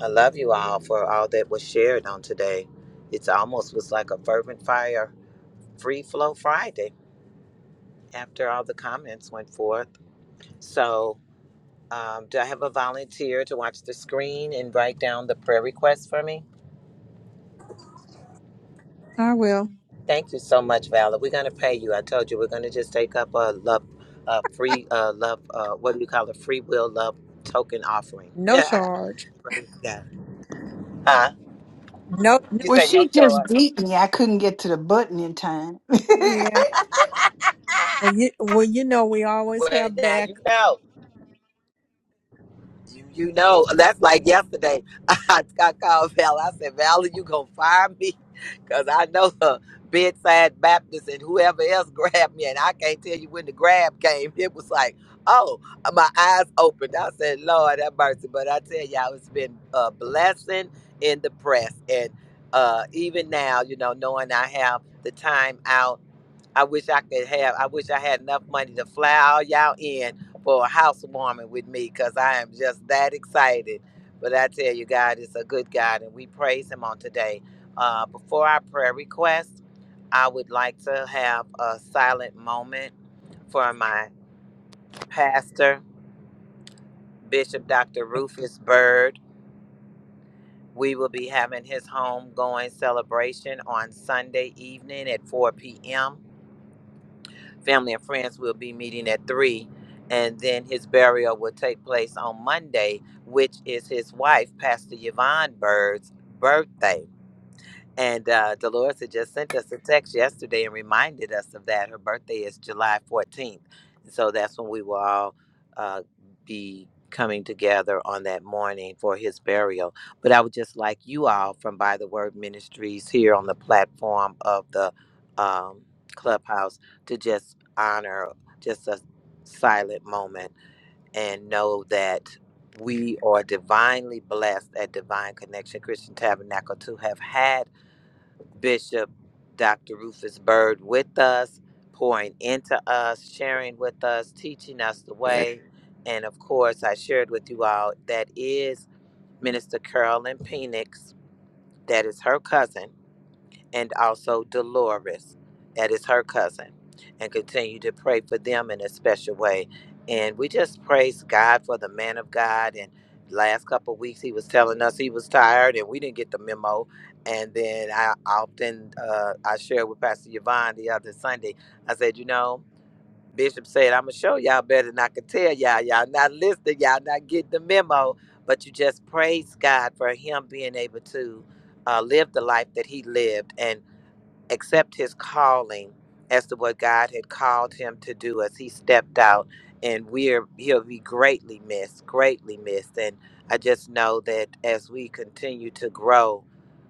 A: I love you all for all that was shared on today. It's almost was like a fervent fire, free flow Friday after all the comments went forth. So, um, do I have a volunteer to watch the screen and write down the prayer requests for me?
B: I will.
A: Thank you so much, Valor. We're going to pay you. I told you we're going to just take up a love, a free uh, love, uh, what do you call it? Free will love token offering. (laughs)
B: No
A: Yeah.
B: charge.
A: Praise God. Huh?
B: No, no.
A: You
H: Well,
A: say no,
H: she
A: show
H: just
A: up.
H: beat me. I couldn't get to the button in time. (laughs)
B: Yeah. Well, you well, you know we always
A: Well,
B: have
A: now you
B: backup.
A: know. You, you know, that's like yesterday. (laughs) I, I called Val. I said, Val, you going to fire me? (laughs) Because I know her bedside Baptist and whoever else (laughs) grabbed me. And I can't tell you when the grab came. It was like, oh, my eyes opened. I said, Lord, have mercy. But I tell y'all, it's been a blessing in the press. And uh, even now, you know, knowing I have the time out. I wish I could have. I wish I had enough money to fly all y'all in for a housewarming with me, cause I am just that excited. But I tell you, God is a good God, and we praise Him on today. Uh, before our prayer request, I would like to have a silent moment for my pastor, Bishop Dr. Rufus Byrd. We will be having his homegoing celebration on Sunday evening at 4 p.m. family and friends will be meeting at three, and then his burial will take place on Monday, which is his wife, Pastor Yvonne Bird's birthday. And uh, Dolores had just sent us a text yesterday and reminded us of that. Her birthday is July 14th. so that's when we will all uh, be coming together on that morning for his burial. But I would just like you all from By the Word Ministries here on the platform of the um, clubhouse to just honor just a silent moment and know that we are divinely blessed at Divine Connection Christian Tabernacle to have had Bishop Dr. Rufus Bird with us, pouring into us, sharing with us, teaching us the way. And of course, I shared with you all that is Minister Carolyn Penix, that is her cousin and also Dolores, that is her cousin, and continue to pray for them in a special way. And we just praise God for the man of God. And last couple of weeks, he was telling us he was tired, and we didn't get the memo. And then I often uh, I shared with Pastor Yvonne the other Sunday. I said, you know, Bishop said I'm gonna show y'all better than I could tell y'all. Y'all not listening. Y'all not getting the memo. But you just praise God for him being able to uh, live the life that he lived and accept his calling as to what God had called him to do as he stepped out and we're he'll be greatly missed, greatly missed. And I just know that as we continue to grow,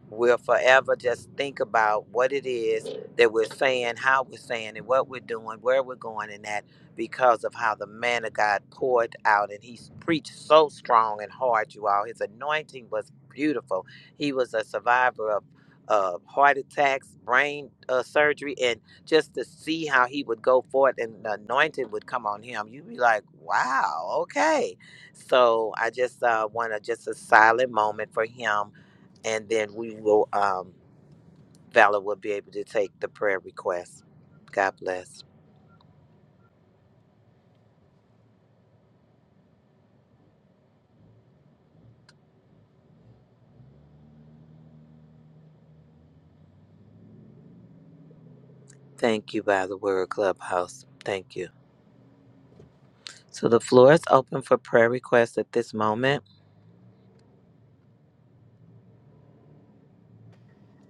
A: we'll forever just think about what it is that we're saying, how we're saying it, what we're doing, where we're going and that because of how the man of God poured out and he preached so strong and hard, you all. His anointing was beautiful. He was a survivor uh, heart attacks, brain uh, surgery, and just to see how he would go forth and the anointing would come on him, you'd be like, wow, okay. So I just uh, want to just a silent moment for him, and then we will, um, Valor will be able to take the prayer request. God bless. Thank you, by the word clubhouse. Thank you. So the floor is open for prayer requests at this moment.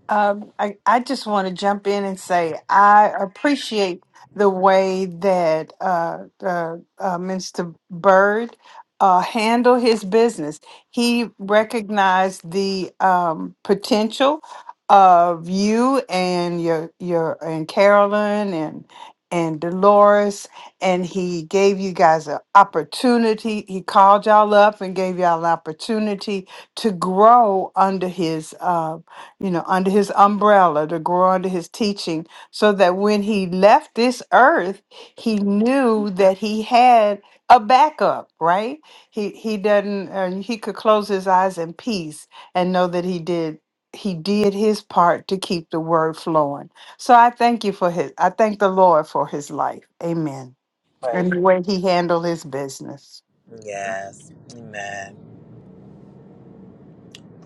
H: Um, I, I just want to jump in and say I appreciate the way that uh, uh, uh, Mr. Bird uh, handled his business. He recognized the um, potential of you and your your and Carolyn and and Dolores, and he gave you guys an opportunity. He called y'all up and gave y'all an opportunity to grow under his. Uh, you know, under his umbrella to grow under his teaching, so that when he left this earth, he knew that he had a backup, right? He he doesn't uh, he could close his eyes in peace and know that he did he did his part to keep the word flowing. So I thank you for his I thank the Lord for his life. Amen.
A: Praise.
H: And the way he handled his business.
A: Yes. Amen.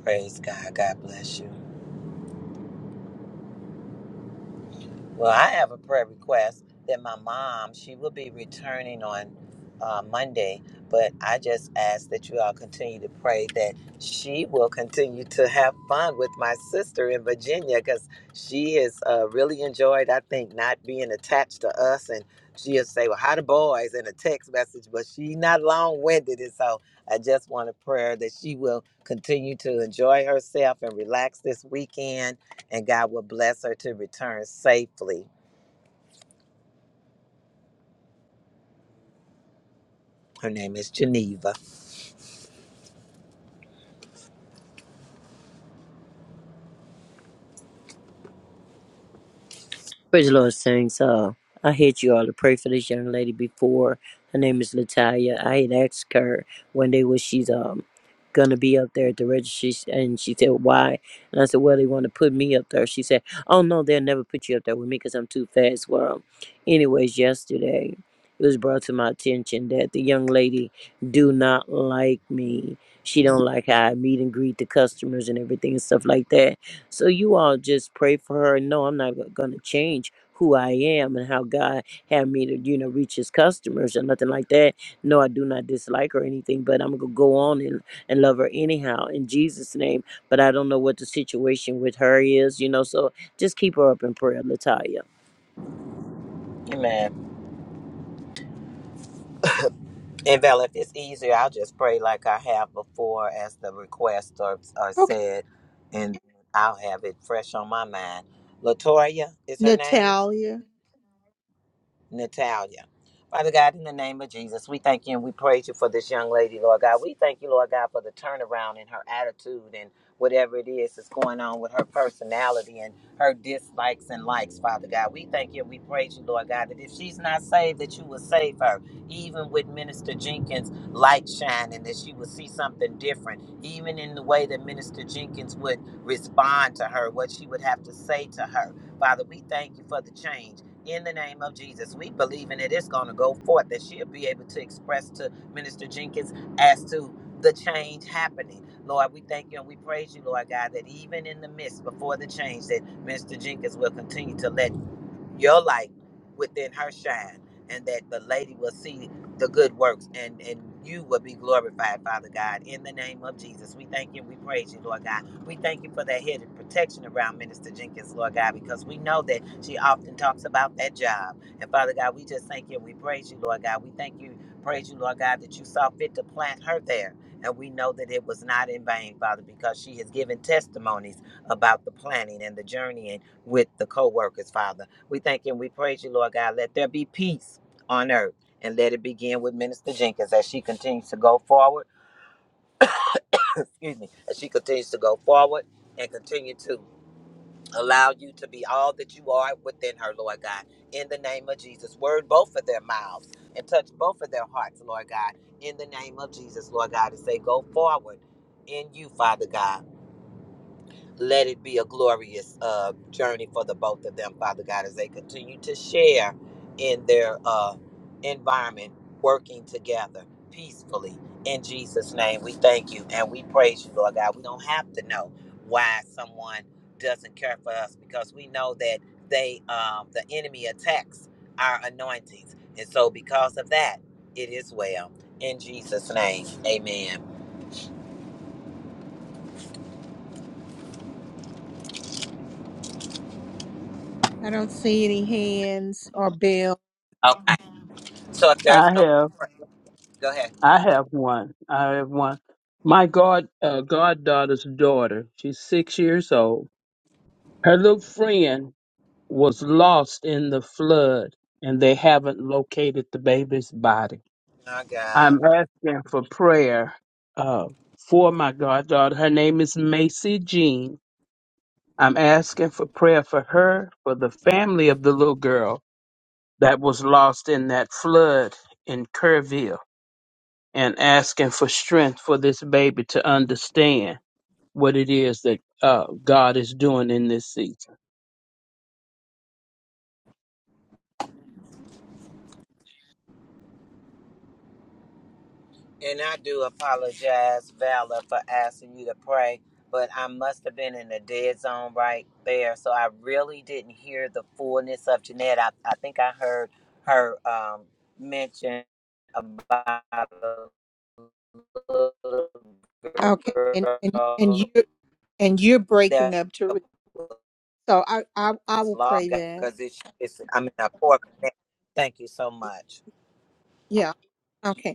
A: Praise God. God bless you. Well, I have a prayer request that my mom, she will be returning on uh, Monday, but I just ask that you all continue to pray that she will continue to have fun with my sister in Virginia because she has uh, really enjoyed, I think, not being attached to us. And she'll say, Well, how the boys in a text message, but she's not long winded. And so I just want a prayer that she will continue to enjoy herself and relax this weekend and God will bless her to return safely. Her name is Geneva.
L: Praise the Lord, Saints. Uh, I had you all to pray for this young lady before. Her name is Latalia. I had asked her one day was she's um gonna be up there at the registry, and she said why. And I said, well, they want to put me up there. She said, oh no, they'll never put you up there with me because I'm too fast. Well, anyways, yesterday it was brought to my attention that the young lady do not like me. She don't like how I meet and greet the customers and everything and stuff like that so you all just pray for her. No, I'm not going to change who I am and how God had me to, you know, reach his customers or nothing like that. No, I do not dislike her or anything, but I'm going to go on and, and love her anyhow in Jesus' name. But I don't know what the situation with her is, you know, so just keep her up in prayer, Latoya.
A: Amen. And Val, if it's easier, I'll just pray like I have before as the requests are, are
B: Okay.
A: said, and I'll have it fresh on my mind. Latoya is her name.
B: Natalia,
A: Natalia. Father God, in the name of Jesus, we thank you and we praise you for this young lady, Lord God. We thank you, Lord God, for the turnaround in her attitude and whatever it is that's going on with her personality and her dislikes and likes, Father God. We thank you and we praise you, Lord God, that if she's not saved, that you will save her. Even with Minister Jenkins' light shining, that she will see something different. Even in the way that Minister Jenkins would respond to her, what she would have to say to her. Father, we thank you for the change in the name of Jesus. We believe in it. It's going to go forth that she'll be able to express to Minister Jenkins as to the change happening. Lord, we thank you and we praise you, Lord God, that even in the midst before the change, that Minister Jenkins will continue to let your light within her shine and that the lady will see the good works and and you will be glorified father god in the name of jesus we thank you we praise you lord god we thank you for that head of protection around minister jenkins lord god because we know that she often talks about that job and father god we just thank you we praise you lord god we thank you praise you lord god that you saw fit to plant her there and we know that it was not in vain father because she has given testimonies about the planning and the journeying with the co-workers father we thank you and we praise you lord god let there be peace on earth and let it begin with Minister Jenkins as she continues to go forward. (coughs) (clears throat) excuse me, as she continues to go forward and continue to allow you to be all that you are within her, Lord God. In the name of Jesus, word both of their mouths and touch both of their hearts, Lord God. In the name of Jesus, Lord God, and say, go forward in you, Father God. let it be a glorious uh, journey for the both of them, Father God, as they continue to share in their uh, environment, working together peacefully. In Jesus' name, we thank you and we praise you, Lord God. We don't have to know why someone doesn't care for us because we know that they, um, the enemy, attacks our anointings, and so because of that, it is well. In Jesus' name, Amen.
B: I don't see any hands or bells.
A: Okay, so if there's
G: i
A: no other
G: have
A: prayer, go ahead.
G: i have one i have one my god uh, goddaughter's daughter she's six years old Her little friend was lost in the flood and they haven't located the baby's body.
A: My God.
G: I'm asking for prayer uh, for my goddaughter. Her name is Macy Jean. I'm asking for prayer for her, for the family of the little girl that was lost in that flood in Kerrville, and asking for strength for this baby to understand what it is that uh, God is doing in this season.
A: And I do apologize, Valor, for asking you to pray, but I must have been in the dead zone right there. So I really didn't hear the fullness of Jeanette. I, I think I heard her um, mention about a little
B: Okay, and and and you
A: girl
B: and you're breaking
A: that
B: up, Teresa.
A: was
B: So I I I will
A: lost
B: pray that.
A: because it's, it's, I'm in a poor connection. Thank you so much.
B: Yeah. Okay.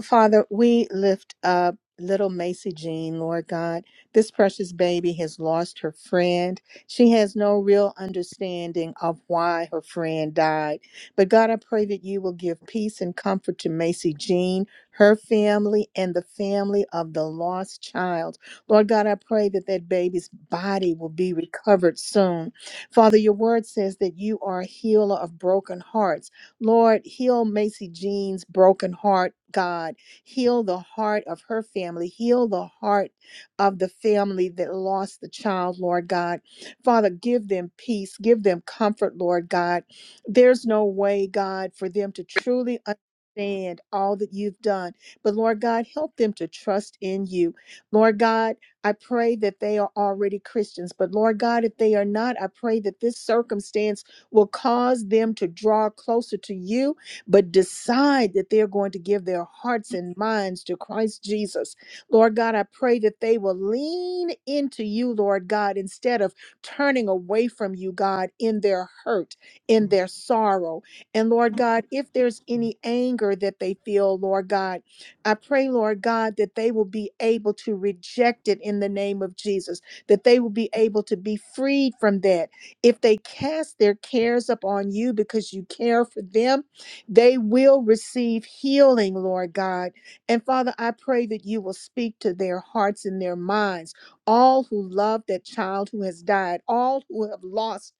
B: Father, we lift up little Macy Jean, Lord God. This precious baby has lost her friend. She has no real understanding of why her friend died. But God, I pray that you will give peace and comfort to Macy Jean, her family, and the family of the lost child. Lord God, I pray that that baby's body will be recovered soon. Father, your word says that you are a healer of broken hearts. Lord, heal Macy Jean's broken heart, God. Heal the heart of her family. Heal the heart of the family that lost the child, Lord God. Father, give them peace. Give them comfort, Lord God. There's no way, God, for them to truly understand all that you've done. But Lord God, help them to trust in you. Lord God, I pray that they are already Christians. But Lord God, if they are not, I pray that this circumstance will cause them to draw closer to you, but decide that they're going to give their hearts and minds to Christ Jesus. Lord God, I pray that they will lean into you, Lord God, instead of turning away from you, God, in their hurt, in their sorrow. And Lord God, if there's any anger that they feel, Lord God, I pray, Lord God, that they will be able to reject it in the name of Jesus, that they will be able to be freed from that if they cast their cares upon you because you care for them, they will receive healing, Lord God. And Father, I pray that you will speak to their hearts and their minds. All who love that child who has died, all who have lost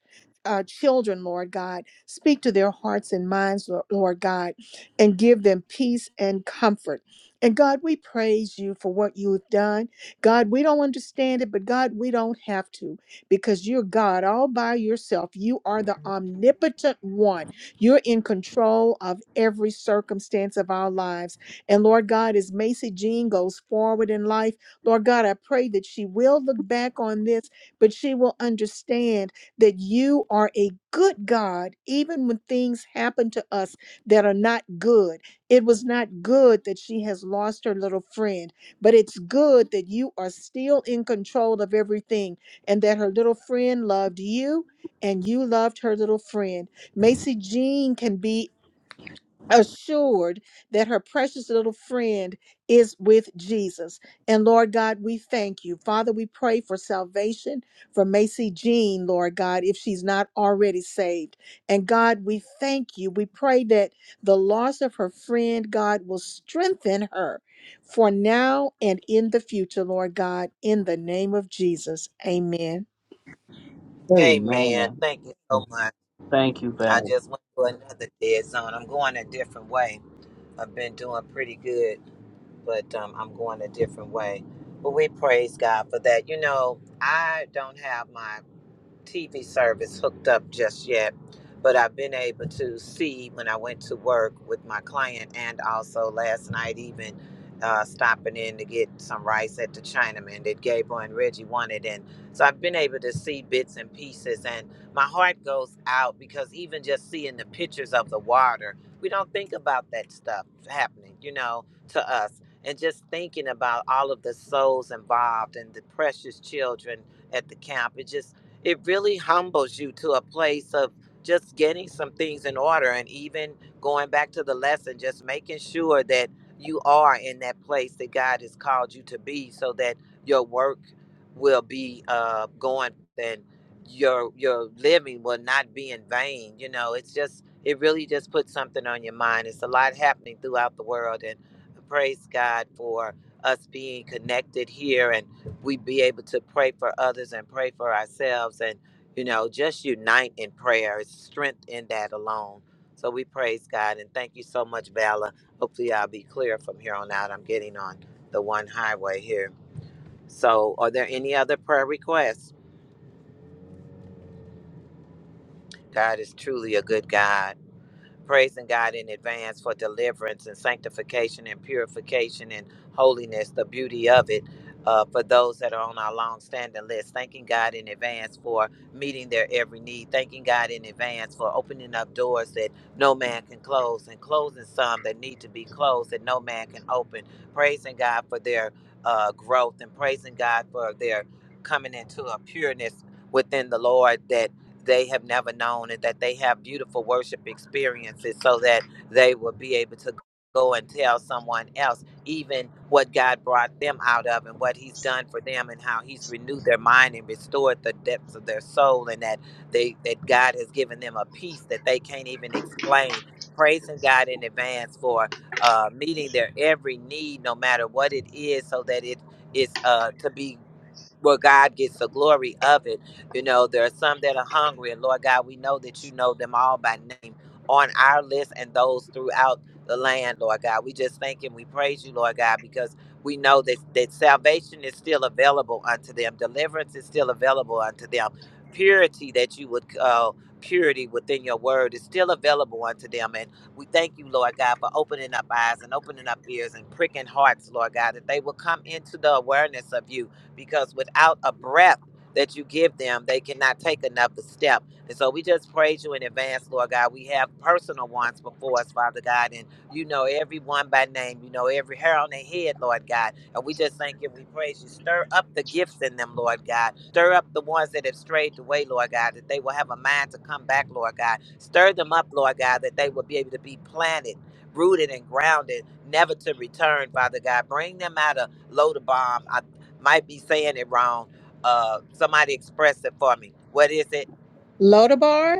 B: uh, children, Lord God, speak to their hearts and minds, Lo- Lord God, and give them peace and comfort. And God, we praise you for what you have done. God, we don't understand it, but God, we don't have to because you're God all by yourself. You are the omnipotent one. You're in control of every circumstance of our lives. And Lord God, as Macy Jean goes forward in life, Lord God, I pray that she will look back on this, but she will understand that you are a good God, even when things happen to us that are not good. It was not good that she has lost her little friend, but it's good that you are still in control of everything and that her little friend loved you and you loved her little friend. Macy Jean can be assured that her precious little friend is with Jesus. And Lord God, we thank you. Father, we pray for salvation for Macy Jean, Lord God, if she's not already saved. And God, we thank you. We pray that the loss of her friend, God, will strengthen her for now and in the future, Lord God, in the name of Jesus. Amen.
A: Amen.
G: Amen.
A: Thank you so much.
G: Thank you, Val.
A: I just went to another dead zone. I'm going a different way. I've been doing pretty good, but um, I'm going a different way. But we praise God for that. You know, I don't have my TV service hooked up just yet, but I've been able to see when I went to work with my client and also last night, even uh, stopping in to get some rice at the Chinaman that Gable and Reggie wanted. And so I've been able to see bits and pieces, and my heart goes out because even just seeing the pictures of the water, we don't think about that stuff happening, you know, to us. And just thinking about all of the souls involved and the precious children at the camp. It just it really humbles you to a place of just getting some things in order and even going back to the lesson just making sure that you are in that place that god has called you to be so that your work will be uh, going and your your living will not be in vain you know it's just it really just puts something on your mind it's a lot happening throughout the world and praise god for us being connected here and we be able to pray for others and pray for ourselves and you know just unite in prayer it's strength in that alone so we praise god and thank you so much vala hopefully i'll be clear from here on out i'm getting on the one highway here so are there any other prayer requests god is truly a good god praising God in advance for deliverance and sanctification and purification and holiness, the beauty of it. Uh, for those that are on our long standing list, thanking God in advance for meeting their every need, thanking God in advance for opening up doors that no man can close and closing some that need to be closed that no man can open, praising God for their uh, growth and praising God for their coming into a pureness within the Lord that they have never known and that they have beautiful worship experiences so that they will be able to go and tell someone else even what God brought them out of and what he's done for them and how he's renewed their mind and restored the depths of their soul and that they that God has given them a peace that they can't even explain praising God in advance for uh, meeting their every need no matter what it is so that it is uh, to be where God gets the glory of it. You know, there are some that are hungry, and Lord God, we know that you know them all by name on our list and those throughout the land, Lord God. We just thank and we praise you, Lord God, because we know that, that salvation is still available unto them, deliverance is still available unto them, purity that you would call. Purity within your word is still available unto them. And we thank you, Lord God, for opening up eyes and opening up ears and pricking hearts, Lord God, that they will come into the awareness of you because without a breath that you give them, they cannot take another step. And so we just praise you in advance, Lord God. We have personal ones before us, Father God, and you know everyone by name. You know every hair on their head, Lord God. And we just thank you. We praise you. Stir up the gifts in them, Lord God. Stir up the ones that have strayed away, Lord God, that they will have a mind to come back, Lord God. Stir them up, Lord God, that they will be able to be planted, rooted, and grounded, never to return, Father God. Bring them out of Lodabar, might be saying it wrong. Uh, somebody express it for me. What is it?
B: Lodabar?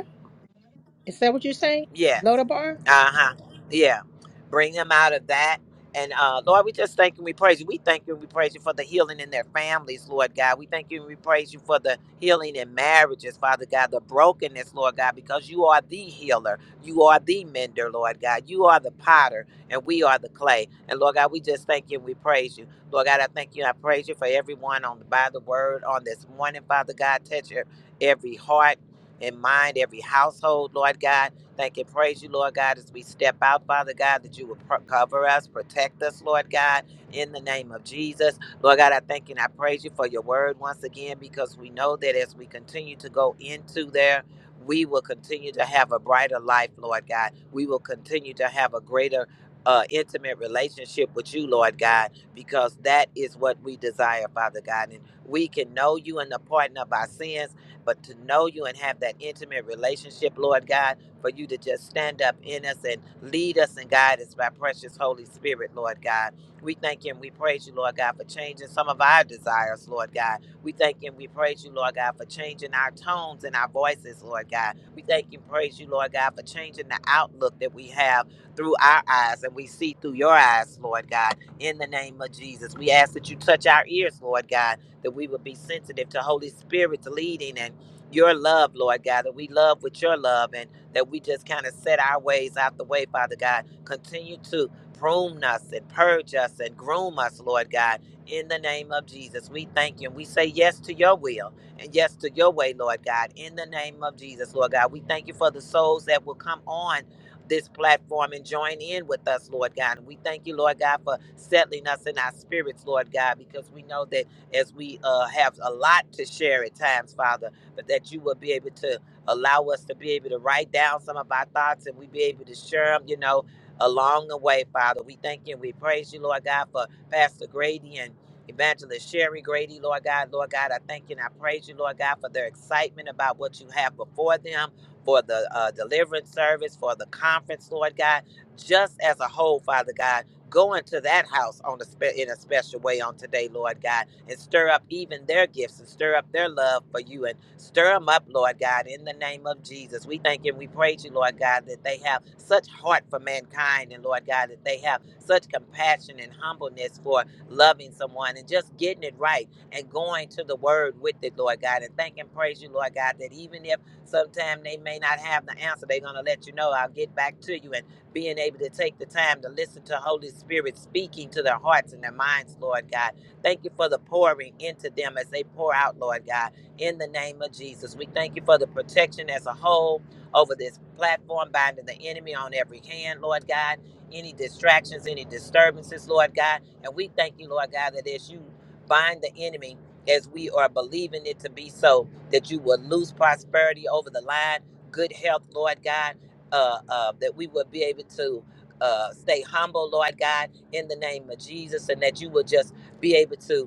B: Is that what you're saying?
A: Yeah.
B: Lodabar?
A: Uh-huh. Yeah. Bring them out of that. And uh, Lord, we just thank you and we praise you. We thank you and we praise you for the healing in their families, Lord God. We thank you and we praise you for the healing in marriages, Father God, the brokenness, Lord God, because you are the healer. You are the mender, Lord God. You are the potter and we are the clay. And Lord God, we just thank you and we praise you. Lord God, I thank you and I praise you for everyone on by the word on this morning, Father God. Touch your- every heart and mind, every household, Lord God. Thank and praise you, Lord God, as we step out, Father God, that you will pro- cover us, protect us, Lord God, in the name of Jesus. Lord God, I thank and I praise you for your word once again because we know that as we continue to go into there, we will continue to have a brighter life, Lord God. We will continue to have a greater uh, intimate relationship with you, Lord God, because that is what we desire, Father God. And we can know you in the pardon of our sins, but to know you and have that intimate relationship, Lord God, for you to just stand up in us and lead us and guide us by precious Holy Spirit, Lord God. We thank you and we praise you, Lord God, for changing some of our desires, Lord God. We thank you and we praise you, Lord God, for changing our tones and our voices, Lord God. We thank you and praise you, Lord God, for changing the outlook that we have through our eyes and we see through your eyes, Lord God, in the name of Jesus. We ask that you touch our ears, Lord God, that we would be sensitive to Holy Spirit's leading and your love, Lord God, that we love with your love and that we just kind of set our ways out the way, Father God. Continue to prune us and purge us and groom us, Lord God, in the name of Jesus. We thank you and we say yes to your will and yes to your way, Lord God, in the name of Jesus, Lord God. We thank you for the souls that will come on. This platform and join in with us, Lord God. And we thank you, Lord God, for settling us in our spirits, Lord God, because we know that as we uh, have a lot to share at times, Father but that you would be able to allow us to be able to write down some of our thoughts and we be able to share them, you know, along the way, Father. We thank you and we praise you, Lord God, for Pastor Grady and Evangelist Sherry Grady, Lord God. Lord God, I thank you and I praise you, Lord God, for their excitement about what you have before them, for the uh, deliverance service, for the conference, Lord God, just as a whole, Father God. Go into that house on a spe- in a special way on today, Lord God, and stir up even their gifts and stir up their love for you and stir them up, Lord God, in the name of Jesus. We thank you and we praise you, Lord God, that they have such heart for mankind and, Lord God, that they have such compassion and humbleness for loving someone and just getting it right and going to the word with it, Lord God. And thank and praise you, Lord God, that even if sometime they may not have the answer, they're going to let you know, I'll get back to you. And being able to take the time to listen to Holy Spirit speaking to their hearts and their minds, Lord God. Thank you for the pouring into them as they pour out, Lord God, in the name of Jesus. We thank you for the protection as a whole over this platform, binding the enemy on every hand, Lord God. Any distractions, any disturbances, Lord God. And we thank you, Lord God, that as you bind the enemy, as we are believing it to be so, that you will lose prosperity over the line, good health, Lord God uh, uh, that we would be able to uh, stay humble, Lord God, in the name of Jesus, and that you will just be able to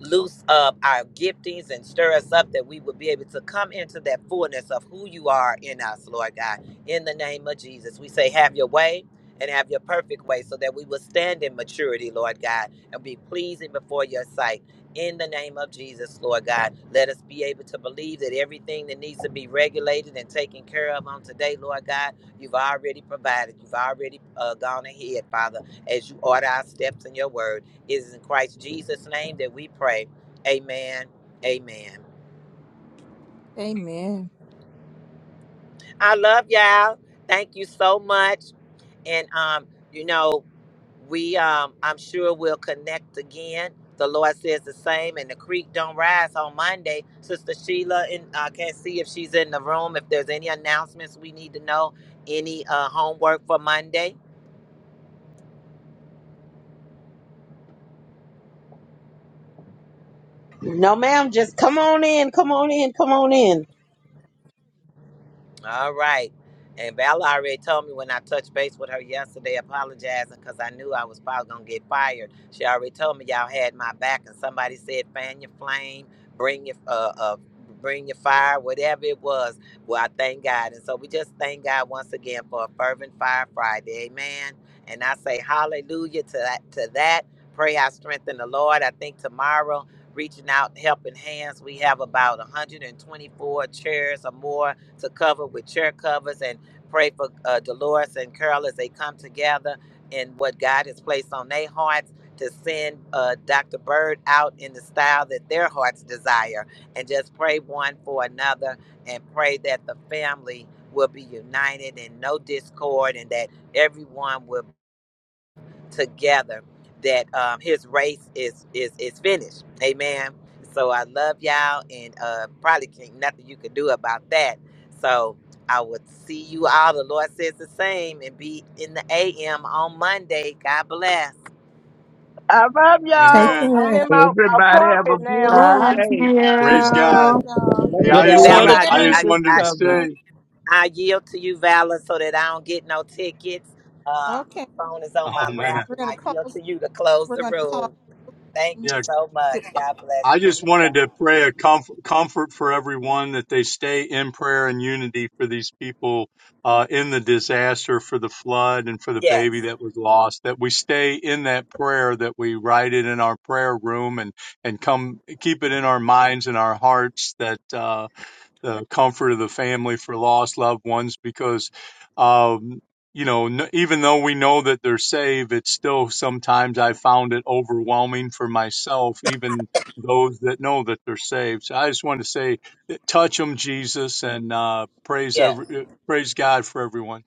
A: loose up our giftings and stir us up that we would be able to come into that fullness of who you are in us, Lord God. In the name of Jesus, we say, have your way and have your perfect way so that we will stand in maturity, Lord God, and be pleasing before your sight. In the name of Jesus, Lord God, let us be able to believe that everything that needs to be regulated and taken care of on today, Lord God, you've already provided. You've already uh, gone ahead, Father, as you order our steps in your word. It is in Christ Jesus' name that we pray. Amen. Amen.
B: Amen.
A: I love y'all. Thank you so much. And um, you know, we um I'm sure we'll connect again. The Lord says the same, and the creek don't rise on Monday. Sister Sheila, and I can't see if she's in the room. If there's any announcements we need to know, any uh, homework for Monday.
C: No, ma'am, just come on in, come on in, come on in.
A: All right. And Val already told me when I touched base with her yesterday, apologizing because I knew I was probably going to get fired. She already told me y'all had my back, and somebody said, fan your flame, bring your, uh, uh, bring your fire, whatever it was. Well, I thank God. And so we just thank God once again for a fervent fire Friday. Amen. And I say hallelujah to that. To that. Pray I strengthen the Lord. I think tomorrow, reaching out, helping hands, we have about 124 chairs or more to cover with chair covers and pray for uh, Dolores and Carol as they come together in what God has placed on their hearts to send uh, Dr. Bird out in the style that their hearts desire and just pray one for another and pray that the family will be united and no discord and that everyone will together that um, his race is is is finished. Amen. So I love y'all, and uh, probably can't nothing you can do about that. So I would see you all. The Lord says the same, and be in the AM on Monday. God bless.
M: I love
B: Take
M: y'all.
J: Amen.
B: care
M: I'm in
B: and
M: my
G: Everybody
B: out
G: have a
M: apartment
B: the
M: now.
G: beautiful
H: Love
B: room.
G: day.
B: We're gonna
J: Praise
H: you.
D: Love
J: God.
D: y'all.
C: Love
J: Yeah,
C: you
G: The
J: I
A: And
J: just
C: guys.
B: take
D: Bye
G: blood
A: Bella,
J: wanted
G: of
A: I
D: bye.
J: I
B: care,
J: just
A: I,
G: Jesus
J: wanted
A: I,
J: to
G: covers.
B: everybody.
J: say.
A: I yield to you, Vala, so that I don't get no tickets. Uh, my
B: Okay.
A: phone is on my
J: Oh man.
A: lap,
B: We're
A: and
B: gonna
A: I yield
B: close.
A: to you to close
B: We're
A: the
B: gonna close.
A: room. Thank you
J: Yeah.
A: so much.
B: the-
J: I
A: God bless
J: I
A: you. woman
J: just
A: of God.
J: wanted to pray a comfort, comfort for everyone that they stay in prayer and unity for these people uh, in the disaster, for the flood, and for the baby
A: Yes.
J: that was lost. That we stay in that prayer, that we write it in our prayer room, and and come keep it in our minds and our hearts. That. Uh, the comfort of the family for lost loved ones because um you know n- even though we know that they're saved it's still sometimes i found it overwhelming for myself even those that know that they're saved so i just want to say eh, touch them jesus and uh praise
A: Yes.
J: every eh, praise god for everyone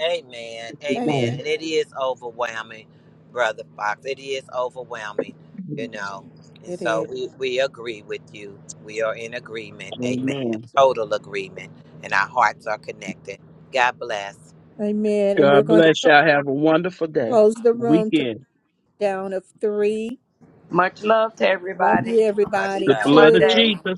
A: Amen.
B: Hey,
A: Amen.
G: Amen.
A: And it is overwhelming, Brother Fox. It is overwhelming, you know. And
B: It
A: so
B: is.
A: we, we agree with you. We are in agreement. Amen.
G: Amen.
A: Total agreement. And our hearts are connected. God bless.
B: Amen. And we're
G: God
B: going to
G: bless y'all. Have a wonderful day,
B: close the room to the
G: weekend.
B: down of three.
E: Much love to
B: Love you,
E: everybody.
A: Much
E: See
B: everybody.
G: The
E: you
A: love.
G: blood of
B: Two.
E: Monday.
G: Jesus.